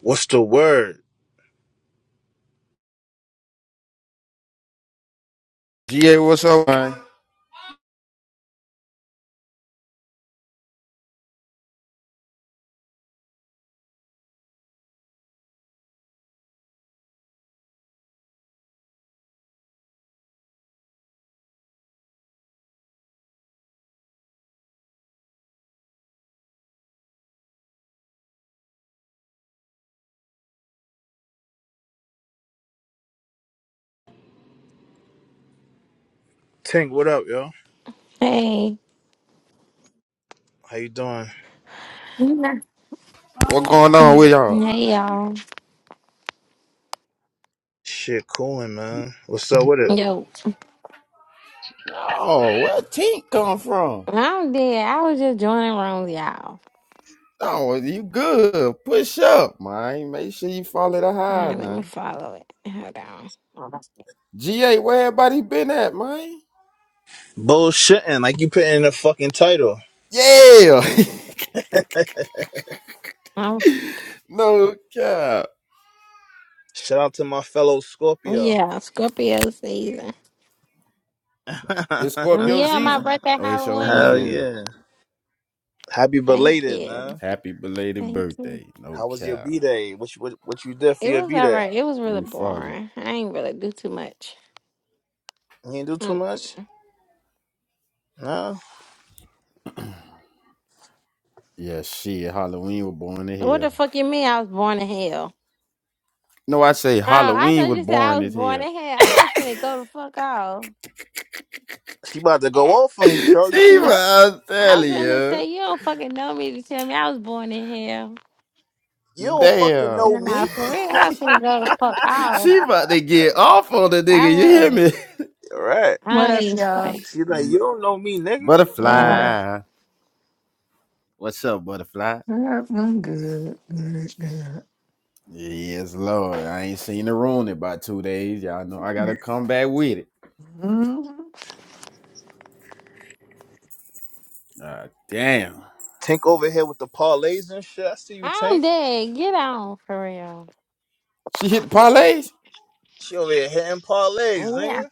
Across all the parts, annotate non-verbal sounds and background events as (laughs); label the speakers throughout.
Speaker 1: What's the word?
Speaker 2: GA, what's up, man?
Speaker 1: Tank, what up, yo?
Speaker 3: Hey,
Speaker 1: How you doing?
Speaker 3: hey
Speaker 2: What going on with y'all?
Speaker 3: y'all.
Speaker 1: Shit, cooling, man. What's up with it?
Speaker 3: Yo,
Speaker 2: No, where Tink come from?
Speaker 3: I'm dead. I was just joining rooms, y'all. All
Speaker 2: No, you good. Push up, man. Make sure you follow the high
Speaker 3: right, let me
Speaker 2: now.
Speaker 3: follow it. Hold on. Oh, that's it.
Speaker 2: GA, where everybody been at, man?
Speaker 1: Bullshitting, like you put in the fucking title.
Speaker 2: Yeah.
Speaker 3: Oh,
Speaker 2: (laughs) no cap.
Speaker 1: Shout out to my fellow Scorpio.
Speaker 3: yeah, Scorpio season.
Speaker 1: (laughs) Hell
Speaker 2: It's
Speaker 3: Mm,
Speaker 2: Scorpio
Speaker 3: Yeah, my
Speaker 2: season?
Speaker 3: birthday
Speaker 2: Oh, it's showing up
Speaker 3: Halloween.
Speaker 2: here.
Speaker 1: yeah. Happy
Speaker 3: Thank
Speaker 1: belated,
Speaker 3: you.
Speaker 1: man.
Speaker 2: Happy belated
Speaker 3: Thank you.
Speaker 2: birthday. No
Speaker 1: How was your
Speaker 2: cap.
Speaker 1: B day? What you what, what you did for
Speaker 3: It
Speaker 1: your
Speaker 3: was
Speaker 1: B
Speaker 3: all
Speaker 1: day?
Speaker 3: right. It was
Speaker 2: Let
Speaker 3: really
Speaker 2: me follow you.
Speaker 3: boring. I ain't really do too much.
Speaker 1: You didn't do too
Speaker 3: Mm.
Speaker 1: much? No.
Speaker 2: Yeah, shit. Halloween was born in
Speaker 3: What the
Speaker 2: hell.
Speaker 3: fuck you mean I was born in hell?
Speaker 2: No, I say
Speaker 3: Oh, I
Speaker 2: Halloween
Speaker 3: thought
Speaker 2: was
Speaker 3: you said I
Speaker 2: born
Speaker 3: was
Speaker 2: as
Speaker 3: born
Speaker 2: hell.
Speaker 3: in hell. I was finna go the fuck off.
Speaker 1: She about to go off
Speaker 2: (laughs)
Speaker 1: on you, Troll. You see
Speaker 2: See
Speaker 3: Yeah. (clears throat)
Speaker 2: what
Speaker 1: that?
Speaker 2: I'm
Speaker 3: I was
Speaker 2: telling
Speaker 3: finna
Speaker 2: you.
Speaker 3: say you don't fucking know me to tell me I was born in hell.
Speaker 1: You don't fucking
Speaker 2: Damn.
Speaker 1: know me.
Speaker 3: Nah, for real, I was finna go to fuck off.
Speaker 2: She about to get off on the
Speaker 3: I
Speaker 2: nigga. You hear me?
Speaker 3: was.
Speaker 1: All right.
Speaker 4: What
Speaker 3: I don't
Speaker 4: up,
Speaker 3: even
Speaker 4: y'all?
Speaker 3: play.
Speaker 1: She like, you don't know me, nigga.
Speaker 4: What
Speaker 3: Yeah,
Speaker 4: up?
Speaker 2: Butterfly. What's up, butterfly?
Speaker 4: What up? I'm good. Good, good.
Speaker 2: Yes, Lord. I ain't seen the on it by two days. Y'all know I gotta come back with it.
Speaker 4: Mhm.
Speaker 2: Ah, damn.
Speaker 1: Tank over here with the parlays and shit. I see you,
Speaker 3: I'm
Speaker 1: Tank.
Speaker 3: dead. Get on for real.
Speaker 2: She hit the parlays?
Speaker 1: She over here hitting parlays,
Speaker 3: Yeah,
Speaker 1: nigga.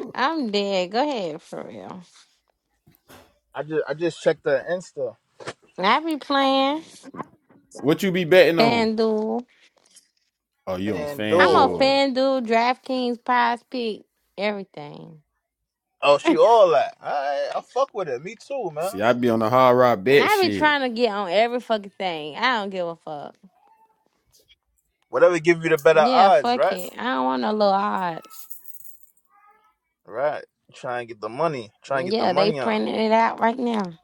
Speaker 3: (laughs) I'm dead. Go ahead for real.
Speaker 1: I just I just checked her Insta.
Speaker 3: I be playing
Speaker 2: What you be betting on?
Speaker 3: FanDuel.
Speaker 2: Oh, you on
Speaker 3: I'm on
Speaker 1: FanDuel.
Speaker 2: FanDuel.
Speaker 3: FanDuel, DraftKings, Prize Pick, everything.
Speaker 1: Oh,
Speaker 3: (laughs)
Speaker 1: she
Speaker 3: I
Speaker 1: all that. Alright, I fuck with it. Me too, man.
Speaker 2: See, I be on the hard rock bet
Speaker 3: be
Speaker 2: shit.
Speaker 3: trying to get on every fucking thing. I don't give a fuck.
Speaker 1: Whatever give you the better
Speaker 3: Yeah,
Speaker 1: odds,
Speaker 3: fuck
Speaker 1: right?
Speaker 3: it. I don't want no little odds.
Speaker 1: Right. Try and get the money. Try and get the
Speaker 3: Yeah, they
Speaker 1: money on.
Speaker 3: printing it out right now.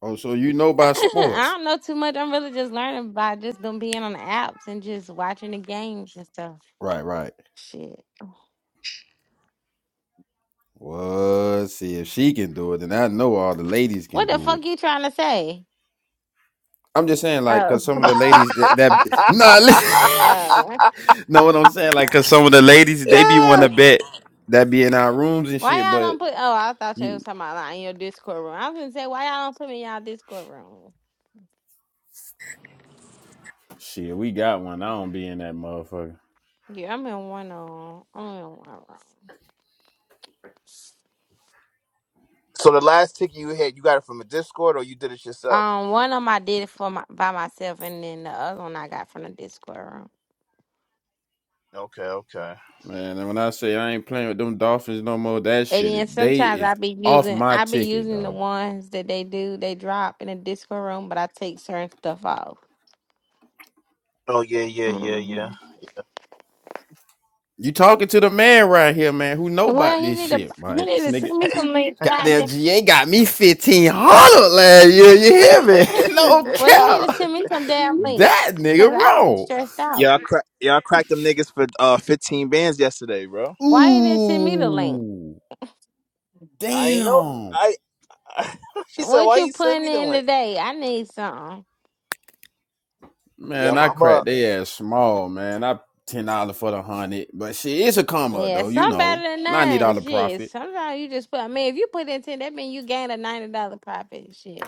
Speaker 2: Oh, so you know
Speaker 3: (clears throat)
Speaker 2: about
Speaker 3: I
Speaker 2: sports.
Speaker 3: don't know too much. I'm really just learning by just them being on the apps and just watching the games and stuff.
Speaker 2: Right, right.
Speaker 3: Shit.
Speaker 2: Well, see, if she can do it, then I know all the ladies can
Speaker 3: What the
Speaker 2: do it.
Speaker 3: fuck you trying to say?
Speaker 2: I'm just saying, like,
Speaker 3: Oh.
Speaker 2: cause some of the ladies
Speaker 1: (laughs)
Speaker 2: that that nah, li-
Speaker 3: Oh.
Speaker 2: (laughs) know what I'm saying, like, cause some of the ladies they be want
Speaker 1: yeah.
Speaker 2: to bet that be in our rooms and
Speaker 3: Why
Speaker 2: shit.
Speaker 3: y'all don't
Speaker 2: But
Speaker 3: put oh, I thought you was
Speaker 2: you,
Speaker 3: talking about like in your Discord room. I was gonna say why y'all don't put me in y'all Discord room.
Speaker 2: shit, we got one. I don't be in that motherfucker,
Speaker 3: Yeah, I'm in one on I'm in one room.
Speaker 1: So the last ticket you hit, you got it from a Discord or you did it yourself?
Speaker 3: Um, one of them I did it for my by myself and then the other one I got from the Discord room.
Speaker 1: Okay, okay.
Speaker 2: man. And when I say I ain't playing with them Dolphins no more, that
Speaker 3: And
Speaker 2: shit, is-
Speaker 3: then
Speaker 2: they
Speaker 3: sometimes
Speaker 2: is
Speaker 3: I be
Speaker 2: off
Speaker 3: using
Speaker 2: my
Speaker 3: I be
Speaker 2: ticket,
Speaker 3: using the
Speaker 2: dog.
Speaker 3: ones that they do they drop in the Discord room, but I take certain stuff off.
Speaker 1: Oh yeah, yeah, yeah,
Speaker 3: hmm
Speaker 1: yeah.
Speaker 2: You talking to the man right here, man, who know
Speaker 3: Well,
Speaker 2: about
Speaker 3: he
Speaker 2: this
Speaker 3: need to
Speaker 2: shit,
Speaker 3: he
Speaker 2: man.
Speaker 3: need
Speaker 2: This
Speaker 3: to
Speaker 2: nigga,
Speaker 3: send me some link.
Speaker 2: goddamn
Speaker 3: Goddamn.
Speaker 2: GA got me fifteen hundred last year. You hear me? (laughs) No
Speaker 3: (laughs) well, he need
Speaker 2: cap.
Speaker 3: to send
Speaker 1: (laughs)
Speaker 3: me some damn link
Speaker 2: That
Speaker 3: because
Speaker 2: nigga
Speaker 3: I be
Speaker 2: wrong.
Speaker 3: stressed out.
Speaker 1: yeah, I cra- yeah, I cracked them niggas for uh, fifteen bands yesterday, bro.
Speaker 3: Why you didn't send me the link?
Speaker 2: Ooh,
Speaker 1: I know.
Speaker 2: damn,
Speaker 1: I, I (laughs) she said,
Speaker 3: What
Speaker 1: "Why
Speaker 3: you
Speaker 1: you send
Speaker 3: putting
Speaker 1: me the
Speaker 3: in
Speaker 1: link?"
Speaker 3: today? I need something.
Speaker 1: Yeah,
Speaker 2: man!
Speaker 1: I'm,
Speaker 2: I
Speaker 1: I'm
Speaker 2: cracked
Speaker 1: up.
Speaker 2: they ass small, man. I ten dollar for the hundred, but shit, it's a come up
Speaker 3: Yeah,
Speaker 2: though, you
Speaker 3: some
Speaker 2: know.
Speaker 3: better than
Speaker 2: Ninety
Speaker 3: nine.
Speaker 2: dollar
Speaker 3: Shit,
Speaker 2: profit,
Speaker 3: sometimes you just put. I mean, if you put in ten, that mean you gain a ninety dollar profit. Shit.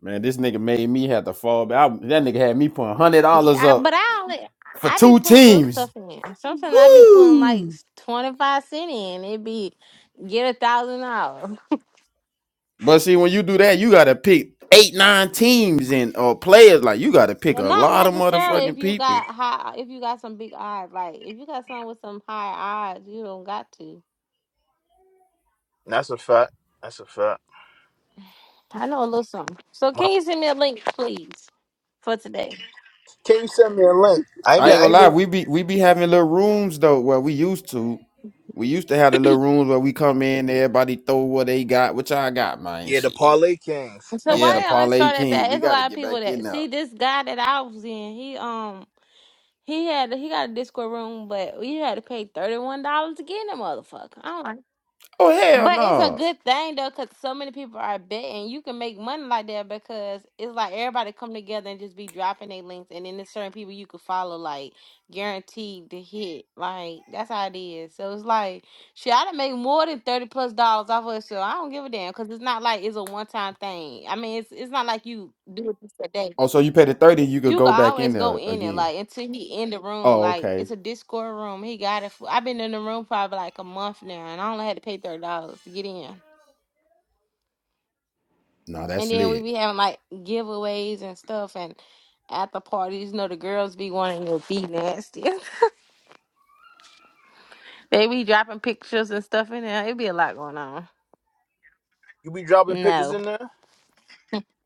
Speaker 2: man. This nigga made me have to fall back. I, that nigga had me putting hundred
Speaker 3: Yeah,
Speaker 2: dollars
Speaker 3: I, but
Speaker 2: up
Speaker 3: I only
Speaker 2: for
Speaker 3: I be
Speaker 2: two
Speaker 3: putting little
Speaker 2: teams.
Speaker 3: stuff in. Sometimes I be putting like
Speaker 2: Woo!
Speaker 3: twenty five cent in. It be get a thousand off.
Speaker 2: But see, when you do that, you gotta pick eight, nine teams and uh, players. Like you gotta pick
Speaker 3: Well,
Speaker 2: a
Speaker 3: Not
Speaker 2: lot of
Speaker 3: necessarily if
Speaker 2: motherfucking
Speaker 3: you
Speaker 2: people.
Speaker 3: got high if you got some big odds. Like if you got something with some high odds, you don't got to.
Speaker 1: That's a fact. That's a fact.
Speaker 3: I know a little something. So
Speaker 1: My-
Speaker 3: can you send me a link, please, for today?
Speaker 1: can you send me a link? I even,
Speaker 2: I ain't
Speaker 1: I
Speaker 2: gonna lie,
Speaker 1: even.
Speaker 2: we be we be having little rooms though. Well, we used to. We used to have the little rooms where we come in, everybody throw what they got, which I got, man.
Speaker 1: Yeah, the
Speaker 2: Shit.
Speaker 1: Parlay Kings.
Speaker 3: So
Speaker 2: Yeah, the
Speaker 3: why y'all ain't
Speaker 2: parlay
Speaker 3: start that
Speaker 2: kings.
Speaker 3: back?
Speaker 2: We
Speaker 3: It's a
Speaker 2: gotta
Speaker 3: lot of
Speaker 2: get
Speaker 3: people
Speaker 2: back in
Speaker 3: that
Speaker 2: there.
Speaker 3: see this guy that I was in. He um he had he got a Discord room, but we had to pay thirty one dollars to get in the motherfucker.
Speaker 2: Oh hell
Speaker 3: But it's a
Speaker 2: no.
Speaker 3: good thing though, because so many people are betting. You can make money like that because it's like everybody come together and just be dropping their links, and then there's certain people you could follow, like guaranteed to hit. Like that's how it is. So it's like shit. I done make more than thirty plus dollars off of it, so I don't give a damn because it's not like it's a one time thing. I mean, it's it's not like you do it just a day.
Speaker 2: Oh, so you pay the 30, you could
Speaker 3: You can
Speaker 2: go back in
Speaker 3: always go
Speaker 2: there
Speaker 3: in it,
Speaker 2: again.
Speaker 3: like until he in the room.
Speaker 2: Oh,
Speaker 3: Like
Speaker 2: okay.
Speaker 3: it's a Discord room. He got it. For, I've been in the room probably like a month now, and I only had to pay thirty dollars to get in.
Speaker 2: No,
Speaker 3: And
Speaker 2: that's
Speaker 3: then we
Speaker 2: lit.
Speaker 3: be having like giveaways and stuff, and at the parties, you know, the girls be wanting to be nasty. (laughs) they be dropping pictures and stuff in there. It be a lot going on.
Speaker 1: You be dropping pictures
Speaker 3: No,
Speaker 1: in there?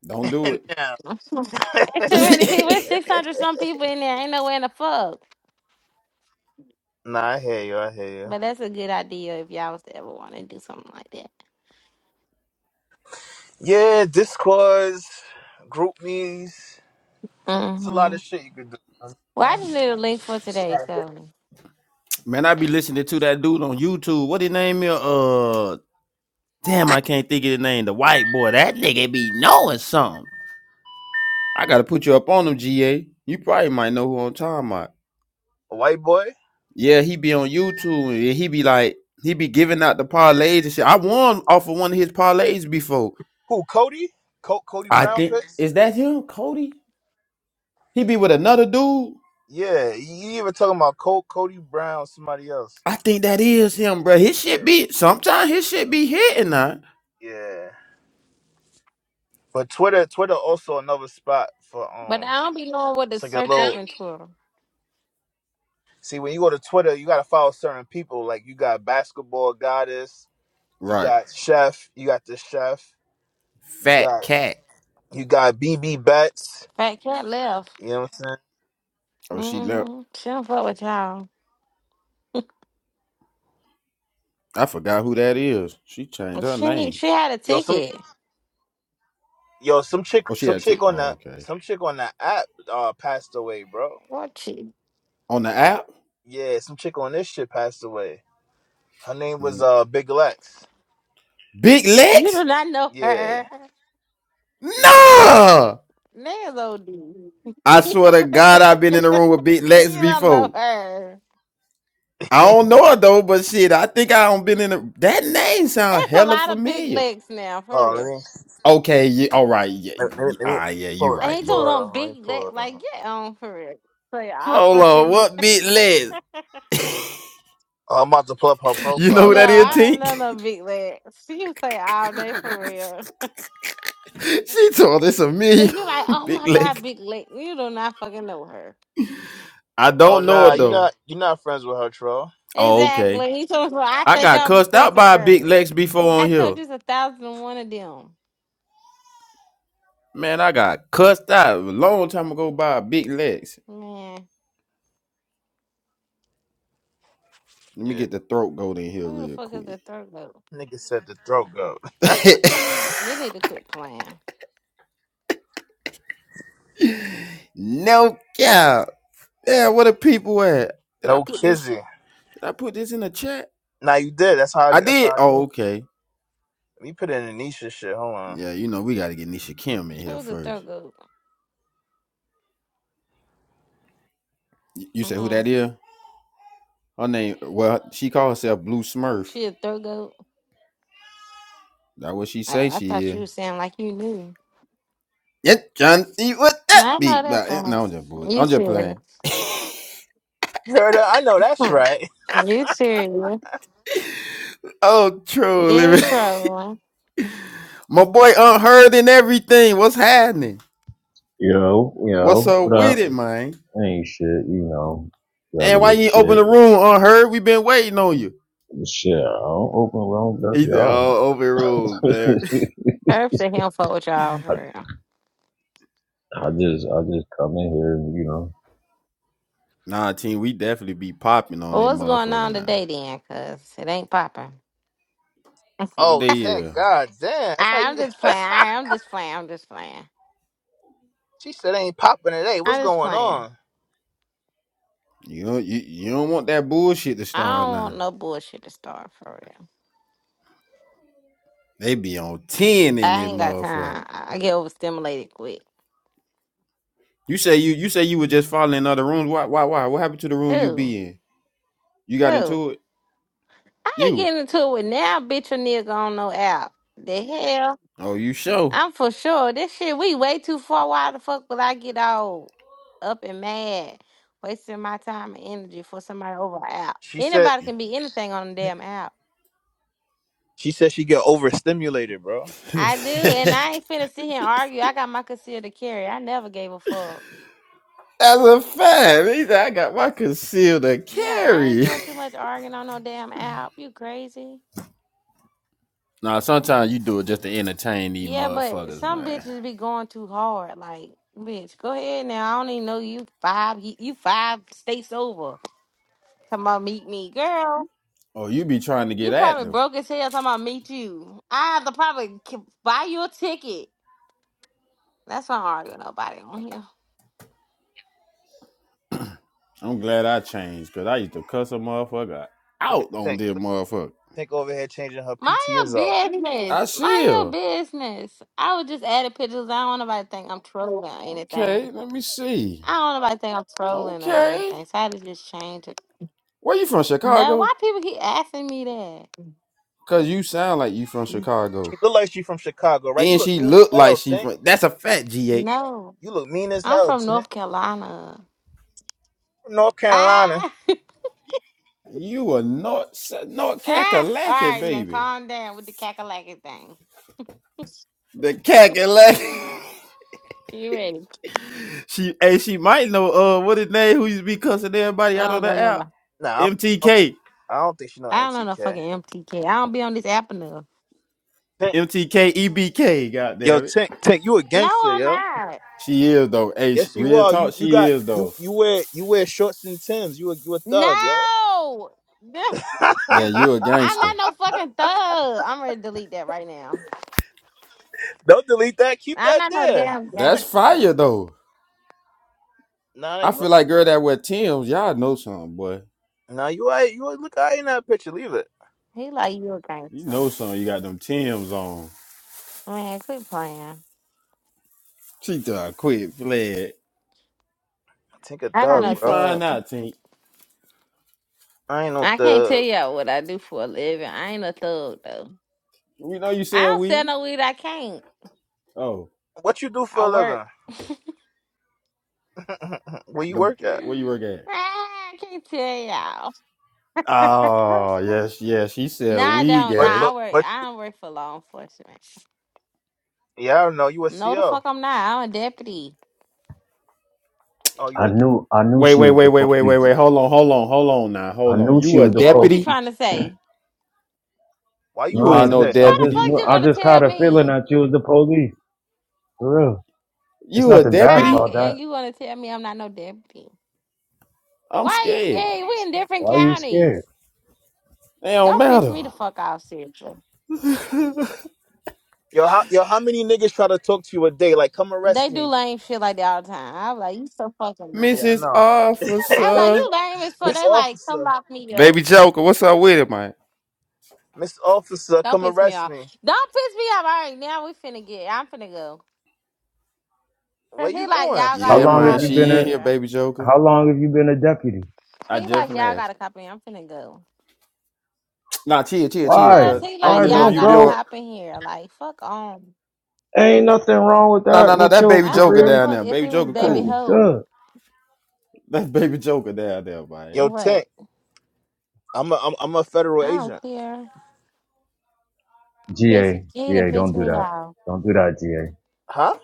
Speaker 2: Don't do
Speaker 1: (laughs)
Speaker 2: it.
Speaker 1: no.
Speaker 3: (laughs) it's too many people. It's
Speaker 2: (laughs)
Speaker 3: six hundred some people in there. Ain't nowhere in the fuck.
Speaker 1: nah, I hear you. I hear you.
Speaker 3: But that's a good idea if y'all was to ever want to do something like that.
Speaker 1: Yeah, Discords, group me's. It's a lot
Speaker 3: Mm-hmm.
Speaker 1: of shit you could do.
Speaker 3: Well, I just
Speaker 1: It's
Speaker 3: need a link for
Speaker 1: a
Speaker 3: today,
Speaker 1: lot of-
Speaker 3: so.
Speaker 2: Man, I be listening to that dude on YouTube. What his name is? Uh damn, I can't think of the name. The white boy. That nigga be knowing something. I gotta put you up on him, GA. You probably might know who I'm talking about.
Speaker 1: A White boy,
Speaker 2: Yeah, he be on YouTube and he be like, he be giving out the parlays and shit. I won off of one of his parlays before.
Speaker 1: who? Cody? Co- Cody
Speaker 2: I
Speaker 1: Brown
Speaker 2: think
Speaker 1: pick?
Speaker 2: is that him, Cody? He be with another dude.
Speaker 1: Yeah, you even talking about Col- Cody Brown, somebody else.
Speaker 2: I think that is him, bro. His shit
Speaker 1: Yeah,
Speaker 2: be sometimes his shit be hitting now.
Speaker 1: yeah. But Twitter, Twitter also another spot for
Speaker 3: But
Speaker 1: um.
Speaker 3: I don't be knowing what to
Speaker 1: It's like a
Speaker 3: search up
Speaker 1: little.
Speaker 3: in Twitter.
Speaker 1: See, when you go to Twitter, you gotta follow certain people. Like you got basketball goddess, you
Speaker 2: Right.
Speaker 1: got chef, you got the chef, you
Speaker 2: Fat
Speaker 1: got
Speaker 2: cat.
Speaker 1: you got BB Betts.
Speaker 3: Fat cat left.
Speaker 1: You know what I'm saying?
Speaker 2: Oh, she left.
Speaker 3: Mm-hmm. She don't fuck with y'all.
Speaker 2: I forgot who that is. She changed her
Speaker 3: She
Speaker 2: name.
Speaker 3: she had a
Speaker 1: Yo, some
Speaker 3: ticket.
Speaker 1: yo, some chick,
Speaker 2: Oh, she
Speaker 1: some
Speaker 2: had a tick.
Speaker 1: chick on
Speaker 2: Oh,
Speaker 1: that,
Speaker 2: okay.
Speaker 1: some chick on that app uh passed away, bro.
Speaker 3: Well, she,
Speaker 2: On the app?
Speaker 1: Yeah, some chick on this shit passed away. Her name was
Speaker 2: Mm.
Speaker 1: uh Big Lex.
Speaker 2: Big
Speaker 3: you do
Speaker 2: Lex?
Speaker 3: not know
Speaker 1: Yeah.
Speaker 3: her.
Speaker 2: Nah!
Speaker 3: Nails OD. (laughs)
Speaker 2: I
Speaker 3: you
Speaker 2: swear to God, I've been in the room with Big Lex
Speaker 3: don't know
Speaker 2: before.
Speaker 3: her.
Speaker 2: I don't know her though, but shit, I think I don't been in the, that name sound
Speaker 3: It's a
Speaker 2: hella
Speaker 3: lot of big
Speaker 2: familiar.
Speaker 3: legs now, for
Speaker 1: Oh, let
Speaker 3: real.
Speaker 1: me
Speaker 2: Okay, yeah, all right, yeah,
Speaker 1: let, let me
Speaker 2: yeah,
Speaker 1: let
Speaker 2: all
Speaker 1: me let me
Speaker 2: right, yeah, you
Speaker 1: pull it.
Speaker 3: I
Speaker 1: Let me
Speaker 2: right,
Speaker 3: ain't
Speaker 2: you
Speaker 3: doing
Speaker 1: pull
Speaker 2: right.
Speaker 3: no
Speaker 1: it up. Let me
Speaker 3: big leg,
Speaker 1: pull it
Speaker 3: like
Speaker 1: up.
Speaker 3: get on for real. Say I
Speaker 2: Hold on,
Speaker 3: fucking
Speaker 2: what Big Lex?
Speaker 1: Oh, I'm about to pull up her
Speaker 2: You know
Speaker 1: profile
Speaker 2: who
Speaker 3: no,
Speaker 1: right
Speaker 2: that is,
Speaker 1: now.
Speaker 3: I don't know
Speaker 2: Tink?
Speaker 3: no big legs. She would say all day for real.
Speaker 2: (laughs) she told us a
Speaker 3: Cause
Speaker 2: million
Speaker 3: you're like,
Speaker 2: (laughs)
Speaker 3: oh
Speaker 2: Big
Speaker 3: my god,
Speaker 2: Lex.
Speaker 3: big leg. You do not fucking know her.
Speaker 2: I
Speaker 1: Oh
Speaker 2: don't know
Speaker 1: nah,
Speaker 2: her
Speaker 1: you
Speaker 2: though.
Speaker 1: not you not friends with her, troll.
Speaker 2: Oh, okay.
Speaker 3: Exactly. He told me, I
Speaker 2: I
Speaker 3: think
Speaker 2: got
Speaker 3: I'm
Speaker 2: cussed
Speaker 3: friends
Speaker 2: out
Speaker 3: with
Speaker 2: by a
Speaker 3: her.
Speaker 2: Big Lex before on
Speaker 3: I told
Speaker 2: here.
Speaker 3: you it's a thousand and one of them.
Speaker 2: Man, I got cussed out a long time ago by a Big Lex.
Speaker 3: Man,
Speaker 2: Let me
Speaker 1: Yeah.
Speaker 2: get the throat goat in here
Speaker 3: who the
Speaker 2: real
Speaker 3: fuck is the
Speaker 2: quick.
Speaker 3: third goat?
Speaker 1: Nigga said the throat go.
Speaker 2: (laughs)
Speaker 3: They need to quit playing.
Speaker 2: no cap. Yeah, where the people at? Did I
Speaker 1: No
Speaker 2: put this?
Speaker 1: kizzy.
Speaker 2: Did I put this in the chat?
Speaker 1: Nah, you did. That's how. I,
Speaker 2: I
Speaker 1: that's how
Speaker 2: did.
Speaker 1: I came.
Speaker 2: Oh,
Speaker 1: Let
Speaker 2: okay.
Speaker 1: me put in Anisha shit. Hold on.
Speaker 2: Yeah, you know we gotta get Nisha Kim in here
Speaker 3: Who's the
Speaker 2: first.
Speaker 3: third goat?
Speaker 2: You say who
Speaker 3: Mm-hmm.
Speaker 2: that is? Her name? Well, she calls herself Blue Smurf.
Speaker 3: She a third goat?
Speaker 2: That what she
Speaker 3: Oh,
Speaker 2: say
Speaker 3: I
Speaker 2: she
Speaker 3: thought you
Speaker 2: is.
Speaker 3: was saying like you knew.
Speaker 2: Yeah, trying to see what
Speaker 3: Well,
Speaker 2: that
Speaker 3: I
Speaker 2: be.
Speaker 3: know that's
Speaker 2: But eh,
Speaker 3: right.
Speaker 2: no, I'm just boy.
Speaker 3: You
Speaker 2: I'm just
Speaker 3: serious.
Speaker 2: playing.
Speaker 1: Heard her? I know that's
Speaker 3: Hmm.
Speaker 1: right.
Speaker 3: You serious.
Speaker 2: Oh,
Speaker 3: You
Speaker 2: trolling.
Speaker 3: ain't trolling.
Speaker 2: (laughs) My boy unheard and everything. What's happening?
Speaker 5: Yo,
Speaker 2: What's
Speaker 5: yo,
Speaker 2: up
Speaker 5: what
Speaker 2: with
Speaker 5: up?
Speaker 2: it, man?
Speaker 5: Ain't shit, you know,
Speaker 2: And why
Speaker 5: regular
Speaker 2: you ain't open
Speaker 5: shit.
Speaker 2: the room on her? We been waiting on you.
Speaker 5: Shit, I don't open wrong, that's
Speaker 2: He said,
Speaker 5: y'all.
Speaker 2: "Oh, open rooms, man." (laughs)
Speaker 5: (laughs)
Speaker 3: Herbs said he don't fuck with y'all
Speaker 5: I,
Speaker 3: for real.
Speaker 5: I just, I just come in here and, you know,
Speaker 2: Nah, team, we definitely be popping on
Speaker 3: Well,
Speaker 2: that
Speaker 3: what's going
Speaker 2: motherfucker
Speaker 3: on
Speaker 2: now.
Speaker 3: today then? Cause it ain't popping.
Speaker 2: What did
Speaker 1: Oh,
Speaker 2: they yeah?
Speaker 1: thank God, damn.
Speaker 3: (laughs)
Speaker 1: That's how you.
Speaker 3: I'm just playing. I, I'm just playing. I'm just playing.
Speaker 1: She said ain't popping today. What's
Speaker 3: I'm just
Speaker 1: going
Speaker 3: playing.
Speaker 1: on?
Speaker 2: You don't you, you don't want that bullshit to
Speaker 3: I
Speaker 2: start
Speaker 3: don't
Speaker 2: now.
Speaker 3: want no bullshit to start for real.
Speaker 2: They be on ten in
Speaker 3: I
Speaker 2: that
Speaker 3: ain't got
Speaker 2: motherfucker.
Speaker 3: time. I I get overstimulated quick.
Speaker 2: You say you you say you were just following other rooms. Why why why? What happened to the room you
Speaker 3: Who?
Speaker 2: be in? You got
Speaker 3: Who?
Speaker 2: into it.
Speaker 3: I ain't
Speaker 2: You
Speaker 3: getting into it with now, bitch or nigga on no app. The hell?
Speaker 2: oh you show.
Speaker 3: I'm for sure. This shit, we way too far. Why the fuck would I get all up and mad? Wasting my time and energy for somebody over an app.
Speaker 1: She said.
Speaker 3: Anybody can be anything on the damn app.
Speaker 1: She said she get overstimulated, bro.
Speaker 3: I do, and I
Speaker 2: (laughs)
Speaker 3: ain't finna sit here and argue. I got my concealed carry. I never gave a fuck.
Speaker 2: That's a fact. He said, I got my concealed
Speaker 3: Yeah, I ain't
Speaker 2: carry.
Speaker 3: doing too much arguing on no damn app. You crazy?
Speaker 2: Nah, sometimes you do it just to entertain these
Speaker 3: Yeah, but
Speaker 2: motherfuckers,
Speaker 3: some
Speaker 2: man.
Speaker 3: bitches be going too hard. Like, bitch, go ahead now. I don't even know you five. You you five states over. Talking about meet me, girl.
Speaker 2: Oh, you be trying to
Speaker 3: You
Speaker 2: get at
Speaker 3: probably
Speaker 2: them.
Speaker 3: broke as hell. Talking about meet you. I have to probably k- buy you a ticket. That's why I don't argue with nobody on here.
Speaker 2: I'm glad I changed, cause I used to cuss a motherfucker
Speaker 1: Look at
Speaker 2: out on
Speaker 1: think.
Speaker 2: this motherfucker.
Speaker 1: Think over here changing her
Speaker 3: Mind your
Speaker 1: PTSR.
Speaker 2: I
Speaker 3: business. Mind your
Speaker 2: still.
Speaker 3: business. I was just adding pictures. I don't want nobody to think I'm trolling or anything.
Speaker 2: Okay, let me see.
Speaker 3: I don't want nobody to think I'm trolling or
Speaker 2: Okay.
Speaker 3: anything. So I had to just change it.
Speaker 2: Where you from,
Speaker 3: No,
Speaker 2: Chicago?
Speaker 3: why people keep asking me that?
Speaker 2: Cause you sound like you from Chicago.
Speaker 1: She look like she from Chicago, right? You
Speaker 2: And
Speaker 1: look
Speaker 2: she
Speaker 1: mean as
Speaker 2: look like
Speaker 1: hell,
Speaker 2: she
Speaker 1: Tink.
Speaker 2: from that's a fat GA.
Speaker 3: No.
Speaker 1: You look mean as
Speaker 3: I'm
Speaker 1: hell,
Speaker 3: from
Speaker 1: Tink.
Speaker 3: North Carolina.
Speaker 1: From North Carolina.
Speaker 3: Ah, (laughs)
Speaker 2: You a North North
Speaker 3: ah. All
Speaker 2: Cackalacky,
Speaker 3: right, now
Speaker 2: baby.
Speaker 3: calm down with the cackalacky thing.
Speaker 2: The Cackalacky.
Speaker 3: Ah, you ready?
Speaker 2: (laughs) she hey, she might know uh what his name who used to be cussing
Speaker 3: I
Speaker 2: everybody out on
Speaker 3: don't know
Speaker 2: the app.
Speaker 3: nobody.
Speaker 1: Nah, I don't, I don't,
Speaker 2: MTK,
Speaker 1: I don't think she know
Speaker 3: I don't know no
Speaker 1: MCK.
Speaker 3: fucking MTK. I don't be on this app enough.
Speaker 1: Tink,
Speaker 2: MTK, EBK. God
Speaker 1: yo,
Speaker 2: damn it.
Speaker 1: Tink, Tink, you a
Speaker 3: No,
Speaker 1: gangster,
Speaker 3: I'm
Speaker 1: yo.
Speaker 3: not.
Speaker 2: She is though. Hey,
Speaker 1: Yes, you
Speaker 2: real
Speaker 1: are. You
Speaker 2: talk.
Speaker 1: you
Speaker 2: She
Speaker 1: got
Speaker 2: is
Speaker 1: you
Speaker 2: though.
Speaker 1: you wear you wear shorts and Tims. You a you a thug, yo.
Speaker 3: No, (laughs)
Speaker 2: Yeah, you a
Speaker 3: I'm not
Speaker 2: gangster.
Speaker 3: no fucking thug. I'm ready to delete that right now.
Speaker 1: Don't delete that. Keep
Speaker 3: I'm
Speaker 1: that
Speaker 3: not no
Speaker 1: there.
Speaker 3: damn
Speaker 2: That's
Speaker 3: gangster.
Speaker 2: fire though.
Speaker 1: Nah,
Speaker 2: I
Speaker 1: you
Speaker 2: feel like girl that wear Tim's. Y'all know something, boy.
Speaker 1: nah you I you a- look I in that picture. Leave it.
Speaker 3: He like you a
Speaker 2: You
Speaker 3: gangster.
Speaker 2: know something. You got them Tim's on.
Speaker 3: Man, quit playing.
Speaker 2: She done quit fled.
Speaker 1: Tink a
Speaker 3: I'm
Speaker 2: Let
Speaker 3: not
Speaker 1: thug,
Speaker 2: me
Speaker 1: bro.
Speaker 2: find
Speaker 3: no thug.
Speaker 2: out, Tink.
Speaker 1: I ain't no
Speaker 3: I can't tell
Speaker 1: thug.
Speaker 3: y'all what I do for a living. I ain't a thug though.
Speaker 2: We know you
Speaker 3: I
Speaker 2: sell
Speaker 3: don't sell
Speaker 2: weed.
Speaker 3: no weed. I can't.
Speaker 2: Oh,
Speaker 1: What you do
Speaker 3: I
Speaker 1: for
Speaker 3: work.
Speaker 1: a living? (laughs) Where you
Speaker 2: the
Speaker 1: work at?
Speaker 2: where you
Speaker 3: (sighs)
Speaker 2: work at?
Speaker 3: Ah, I can't tell y'all.
Speaker 2: Oh
Speaker 3: (laughs)
Speaker 2: yes, yes. She
Speaker 3: no,
Speaker 2: sell
Speaker 3: I
Speaker 2: weed,
Speaker 3: don't. No,
Speaker 1: But
Speaker 2: gay.
Speaker 3: I
Speaker 1: but
Speaker 3: work.
Speaker 1: but
Speaker 3: I don't work for law enforcement.
Speaker 1: yeah, I don't know. You a
Speaker 3: No, the
Speaker 1: CO.
Speaker 3: fuck I'm not. I'm a deputy.
Speaker 1: Oh, you
Speaker 5: I
Speaker 1: a
Speaker 5: knew, I knew
Speaker 2: Wait,
Speaker 5: she
Speaker 2: wait,
Speaker 5: was
Speaker 2: wait,
Speaker 5: the
Speaker 2: wait, wait, wait,
Speaker 5: police.
Speaker 2: wait. Hold on, hold on, hold on. Now,
Speaker 5: I
Speaker 2: hold on.
Speaker 5: knew she
Speaker 2: You a
Speaker 5: was the
Speaker 3: Yeah, what you
Speaker 2: deputy?
Speaker 3: trying to
Speaker 5: police.
Speaker 3: say?
Speaker 1: Why you
Speaker 5: No,
Speaker 2: You
Speaker 1: off
Speaker 5: I
Speaker 2: ain't no
Speaker 1: today?
Speaker 5: just, I
Speaker 3: How the
Speaker 5: just
Speaker 2: deputy.
Speaker 5: knew,
Speaker 3: fuck you
Speaker 5: I
Speaker 3: gonna
Speaker 5: just caught
Speaker 3: tell
Speaker 5: a feeling
Speaker 3: me?
Speaker 5: that you was the police. For real. It's
Speaker 2: You a
Speaker 5: nothing bad
Speaker 3: How
Speaker 2: deputy?
Speaker 5: about
Speaker 3: can
Speaker 5: that.
Speaker 3: you gonna tell me I'm not no deputy?
Speaker 2: I'm
Speaker 3: Why are you
Speaker 2: scared.
Speaker 3: scared? We in different
Speaker 5: Why are you
Speaker 3: counties.
Speaker 5: scared?
Speaker 2: They don't
Speaker 3: Don't piss
Speaker 2: matter.
Speaker 3: me the fuck off, seriously.
Speaker 1: Yo, how yo, how many niggas try to talk to you a day? Like, come
Speaker 3: They
Speaker 1: arrest
Speaker 3: do
Speaker 1: me.
Speaker 3: lame shit like that all the time. I'm like, you so fucking
Speaker 1: Yeah, I
Speaker 3: lame.
Speaker 2: Mrs.
Speaker 1: know. (laughs)
Speaker 3: I'm like,
Speaker 2: Officer.
Speaker 3: you lame as fuck.
Speaker 1: Miss
Speaker 3: They like, come
Speaker 1: Officer,
Speaker 3: lock me up.
Speaker 2: Baby Joker, what's up with it, man?
Speaker 1: Miss Officer,
Speaker 3: Don't
Speaker 1: come
Speaker 3: piss me
Speaker 1: arrest
Speaker 3: off.
Speaker 1: me.
Speaker 3: Don't piss me off. All right, now we finna get. I'm finna go. Cause
Speaker 1: Where
Speaker 3: he
Speaker 1: you
Speaker 3: like
Speaker 1: going?
Speaker 3: y'all
Speaker 5: How
Speaker 3: got
Speaker 1: Stay
Speaker 2: Yeah,
Speaker 3: a
Speaker 1: right
Speaker 5: long
Speaker 2: man,
Speaker 5: have
Speaker 3: cop
Speaker 5: you
Speaker 1: here.
Speaker 3: in
Speaker 5: been
Speaker 2: she in here,
Speaker 5: a,
Speaker 3: here.
Speaker 2: baby Joker.
Speaker 5: how long have you been a deputy?
Speaker 2: I
Speaker 3: He
Speaker 2: just
Speaker 3: like y'all
Speaker 2: finna
Speaker 3: got
Speaker 2: ask.
Speaker 3: a cop in. Here. I'm finna go
Speaker 2: Nah, chill, chill, chill,
Speaker 3: because
Speaker 5: Why?
Speaker 2: cuz
Speaker 3: he
Speaker 2: I
Speaker 3: like
Speaker 5: Why?
Speaker 2: wanna know
Speaker 1: Tink.
Speaker 3: y'all
Speaker 2: if
Speaker 5: Don't
Speaker 2: you
Speaker 3: got
Speaker 2: be
Speaker 3: a
Speaker 2: on
Speaker 5: go.
Speaker 3: cop in here. Like fuck on.
Speaker 5: Ain't nothing wrong with
Speaker 2: Nah, nah,
Speaker 5: that.
Speaker 2: nah,
Speaker 5: With
Speaker 2: that
Speaker 5: your
Speaker 2: baby
Speaker 3: I don't
Speaker 2: Joker
Speaker 3: give a
Speaker 5: career,
Speaker 2: down
Speaker 3: fuck
Speaker 2: there.
Speaker 3: if
Speaker 2: Baby
Speaker 3: it was
Speaker 2: Joker
Speaker 5: Uh,
Speaker 3: baby
Speaker 5: you
Speaker 2: cool.
Speaker 3: hoe.
Speaker 5: good.
Speaker 2: (laughs) That baby Joker down there, man.
Speaker 1: Yo, Tink.
Speaker 3: What?
Speaker 1: I'm a I'm, I'm a federal
Speaker 3: I don't
Speaker 1: agent.
Speaker 3: care. Piss,
Speaker 5: GA,
Speaker 3: he didn't
Speaker 5: GA,
Speaker 3: piss
Speaker 5: don't do
Speaker 3: me
Speaker 5: that.
Speaker 3: off.
Speaker 5: Don't do that, GA.
Speaker 1: Huh?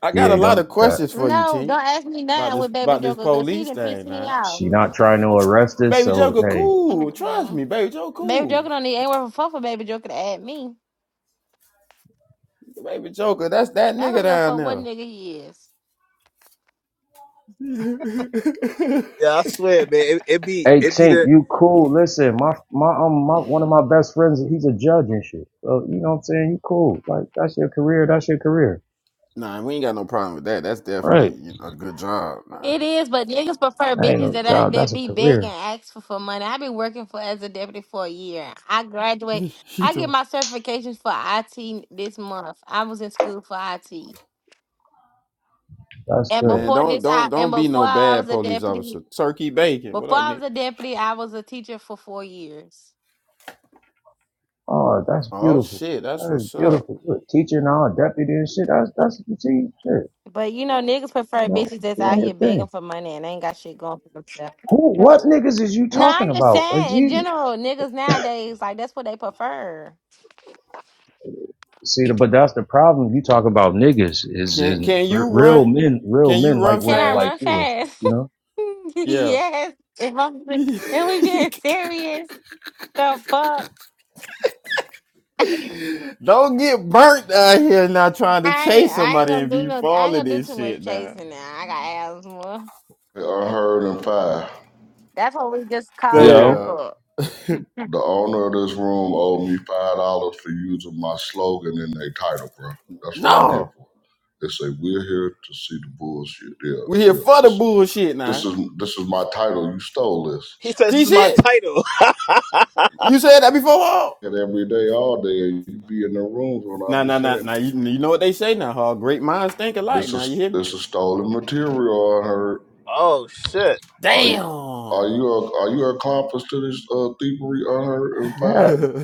Speaker 2: I got a
Speaker 5: GA,
Speaker 2: lot
Speaker 5: don't
Speaker 2: of
Speaker 5: do that.
Speaker 2: questions for you,
Speaker 3: No, don't
Speaker 2: team.
Speaker 3: ask me
Speaker 2: About
Speaker 3: nothing
Speaker 2: this
Speaker 3: with baby
Speaker 2: about this
Speaker 3: Joker because he
Speaker 2: police
Speaker 3: didn't piss
Speaker 2: thing,
Speaker 3: me
Speaker 2: man.
Speaker 3: off.
Speaker 5: She not trying to arrest us,
Speaker 2: Baby
Speaker 5: so
Speaker 2: Joker
Speaker 5: hey.
Speaker 2: cool. Trust me,
Speaker 3: Mm-mm.
Speaker 2: baby Joker
Speaker 3: Baby
Speaker 2: cool.
Speaker 3: Joker don't need anywhere for fuck for baby Joker to add me.
Speaker 2: Baby Joker, that's that
Speaker 3: I
Speaker 2: nigga
Speaker 3: don't give a
Speaker 2: down
Speaker 3: fuck what
Speaker 2: there.
Speaker 3: nigga he is.
Speaker 1: Yeah, I swear, man. It, it be
Speaker 5: Hey,
Speaker 1: it be
Speaker 5: Tink,
Speaker 1: the.
Speaker 5: you cool. Listen, my, my, um, my, one of my best friends, he's a judge and shit. So, you know what I'm saying? You cool. Like, that's your career. That's your career.
Speaker 2: Nah, we ain't got no problem with that. That's definitely
Speaker 5: Right.
Speaker 2: you know, a good job, man.
Speaker 3: It is, but niggas prefer
Speaker 5: That ain't
Speaker 3: bitches
Speaker 5: no
Speaker 3: that I,
Speaker 5: job.
Speaker 3: that
Speaker 5: That's a
Speaker 3: be big
Speaker 5: career.
Speaker 3: and ask for, for money. I've been working for as a deputy for a year. I graduate.
Speaker 2: (laughs) she
Speaker 3: I get
Speaker 2: told.
Speaker 3: my certifications for IT this month. I was in school for IT,
Speaker 5: That's
Speaker 3: and
Speaker 5: good.
Speaker 2: Man,
Speaker 3: before
Speaker 2: don't
Speaker 3: this,
Speaker 2: don't
Speaker 3: I and
Speaker 2: don't be
Speaker 3: before
Speaker 2: no
Speaker 3: I
Speaker 2: bad
Speaker 3: was a
Speaker 2: police
Speaker 3: deputy.
Speaker 2: officer. Turkey bacon. What
Speaker 3: Before
Speaker 2: up,
Speaker 3: I was
Speaker 2: Nick?
Speaker 3: a deputy, I was a teacher for four years.
Speaker 5: Oh, that's
Speaker 2: Oh
Speaker 5: beautiful.
Speaker 2: shit, that's
Speaker 5: That is
Speaker 2: what's up.
Speaker 5: beautiful. You're a teacher now, a deputy and shit. That's, that's, what you see, shit.
Speaker 3: But you know, niggas prefer
Speaker 5: You know,
Speaker 3: bitches that's out
Speaker 5: doing your
Speaker 3: here
Speaker 5: thing.
Speaker 3: begging for money and ain't got shit going for themselves.
Speaker 5: Who, what niggas is you
Speaker 3: No,
Speaker 5: talking
Speaker 3: I'm just
Speaker 5: about? Uh,
Speaker 3: saying in
Speaker 5: Jesus.
Speaker 3: general, niggas nowadays like that's what they prefer.
Speaker 5: See, the, but that's the problem. You talk about niggas is,
Speaker 2: Can
Speaker 5: is
Speaker 2: can
Speaker 5: r-
Speaker 2: you
Speaker 5: real
Speaker 2: run?
Speaker 5: men. Real
Speaker 2: Can you
Speaker 5: men like
Speaker 2: run
Speaker 3: Can
Speaker 5: women
Speaker 3: I
Speaker 2: fast?
Speaker 5: like
Speaker 3: run
Speaker 5: you and shit.
Speaker 3: fast?
Speaker 5: You know.
Speaker 3: (laughs)
Speaker 2: Yeah.
Speaker 3: yes. If I'm
Speaker 2: (laughs)
Speaker 3: if we being serious, the fuck.
Speaker 2: don't get burnt out here now trying to
Speaker 3: I ain't,
Speaker 2: chase
Speaker 3: I ain't
Speaker 2: somebody
Speaker 3: gonna
Speaker 2: and
Speaker 3: do
Speaker 2: be
Speaker 3: no. I
Speaker 2: falling
Speaker 3: ain't gonna do
Speaker 2: this
Speaker 3: too much
Speaker 2: shit now.
Speaker 3: chasing now. I got asthma.
Speaker 6: Hey, I heard in five.
Speaker 3: That's what we just call back
Speaker 5: Yo,
Speaker 2: Damn.
Speaker 3: up.
Speaker 6: The owner of this room owed me five dollars for using my slogan in their title, bro. That's what I'm here
Speaker 2: No.
Speaker 6: for. They say we're here to see the bullshit. Yeah,
Speaker 2: We're here
Speaker 6: yeah.
Speaker 2: for the
Speaker 6: This,
Speaker 2: bullshit
Speaker 6: this
Speaker 2: now.
Speaker 6: is this is my title. You stole this.
Speaker 1: He says this
Speaker 2: G
Speaker 1: is my
Speaker 2: shit.
Speaker 1: title. (laughs)
Speaker 2: You said that before, Hall?
Speaker 6: And every day, all day, you be in the rooms when I
Speaker 2: Nah,
Speaker 6: be
Speaker 2: nah, nah,
Speaker 6: saying
Speaker 2: nah. You, you know what they say now, Hall. Great minds think alike.
Speaker 6: this
Speaker 2: Now you
Speaker 6: is
Speaker 2: hear me?
Speaker 6: this is stolen material. I heard.
Speaker 1: oh shit.
Speaker 6: Are you
Speaker 2: Damn.
Speaker 6: are you a, are you accomplice to this uh, thievery? I heard in five.
Speaker 5: ha-
Speaker 2: (laughs)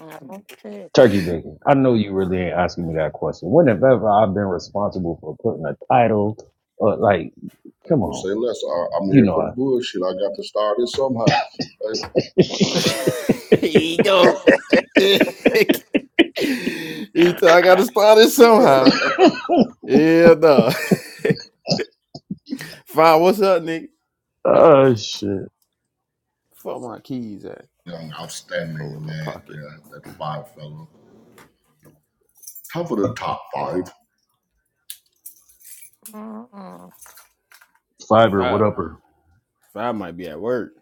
Speaker 3: Mm, shit.
Speaker 5: turkey bacon. I know you really ain't asking me that question. When have ever I've been responsible for putting a title or like?
Speaker 6: Okay,
Speaker 5: Come
Speaker 6: well,
Speaker 5: on,
Speaker 6: say less. I, I'm
Speaker 5: you
Speaker 6: here
Speaker 5: know
Speaker 6: for the
Speaker 5: I.
Speaker 6: bullshit. I got to start it somehow.
Speaker 5: (laughs)
Speaker 2: Here you go. (laughs) Ethan, I gotta start it somehow.
Speaker 6: Hey.
Speaker 2: Yeah, no. (laughs) Five, what's up, nigga?
Speaker 5: Oh shit.
Speaker 2: Fuck my keys at.
Speaker 6: (laughs) Young,
Speaker 2: Oh, in
Speaker 6: outstanding
Speaker 2: my
Speaker 6: lad
Speaker 2: pocket.
Speaker 6: there, that five fellow. Top of the top five.
Speaker 3: Mm-mm,
Speaker 5: Fiber, what
Speaker 2: Five.
Speaker 5: up
Speaker 2: Five might be at work.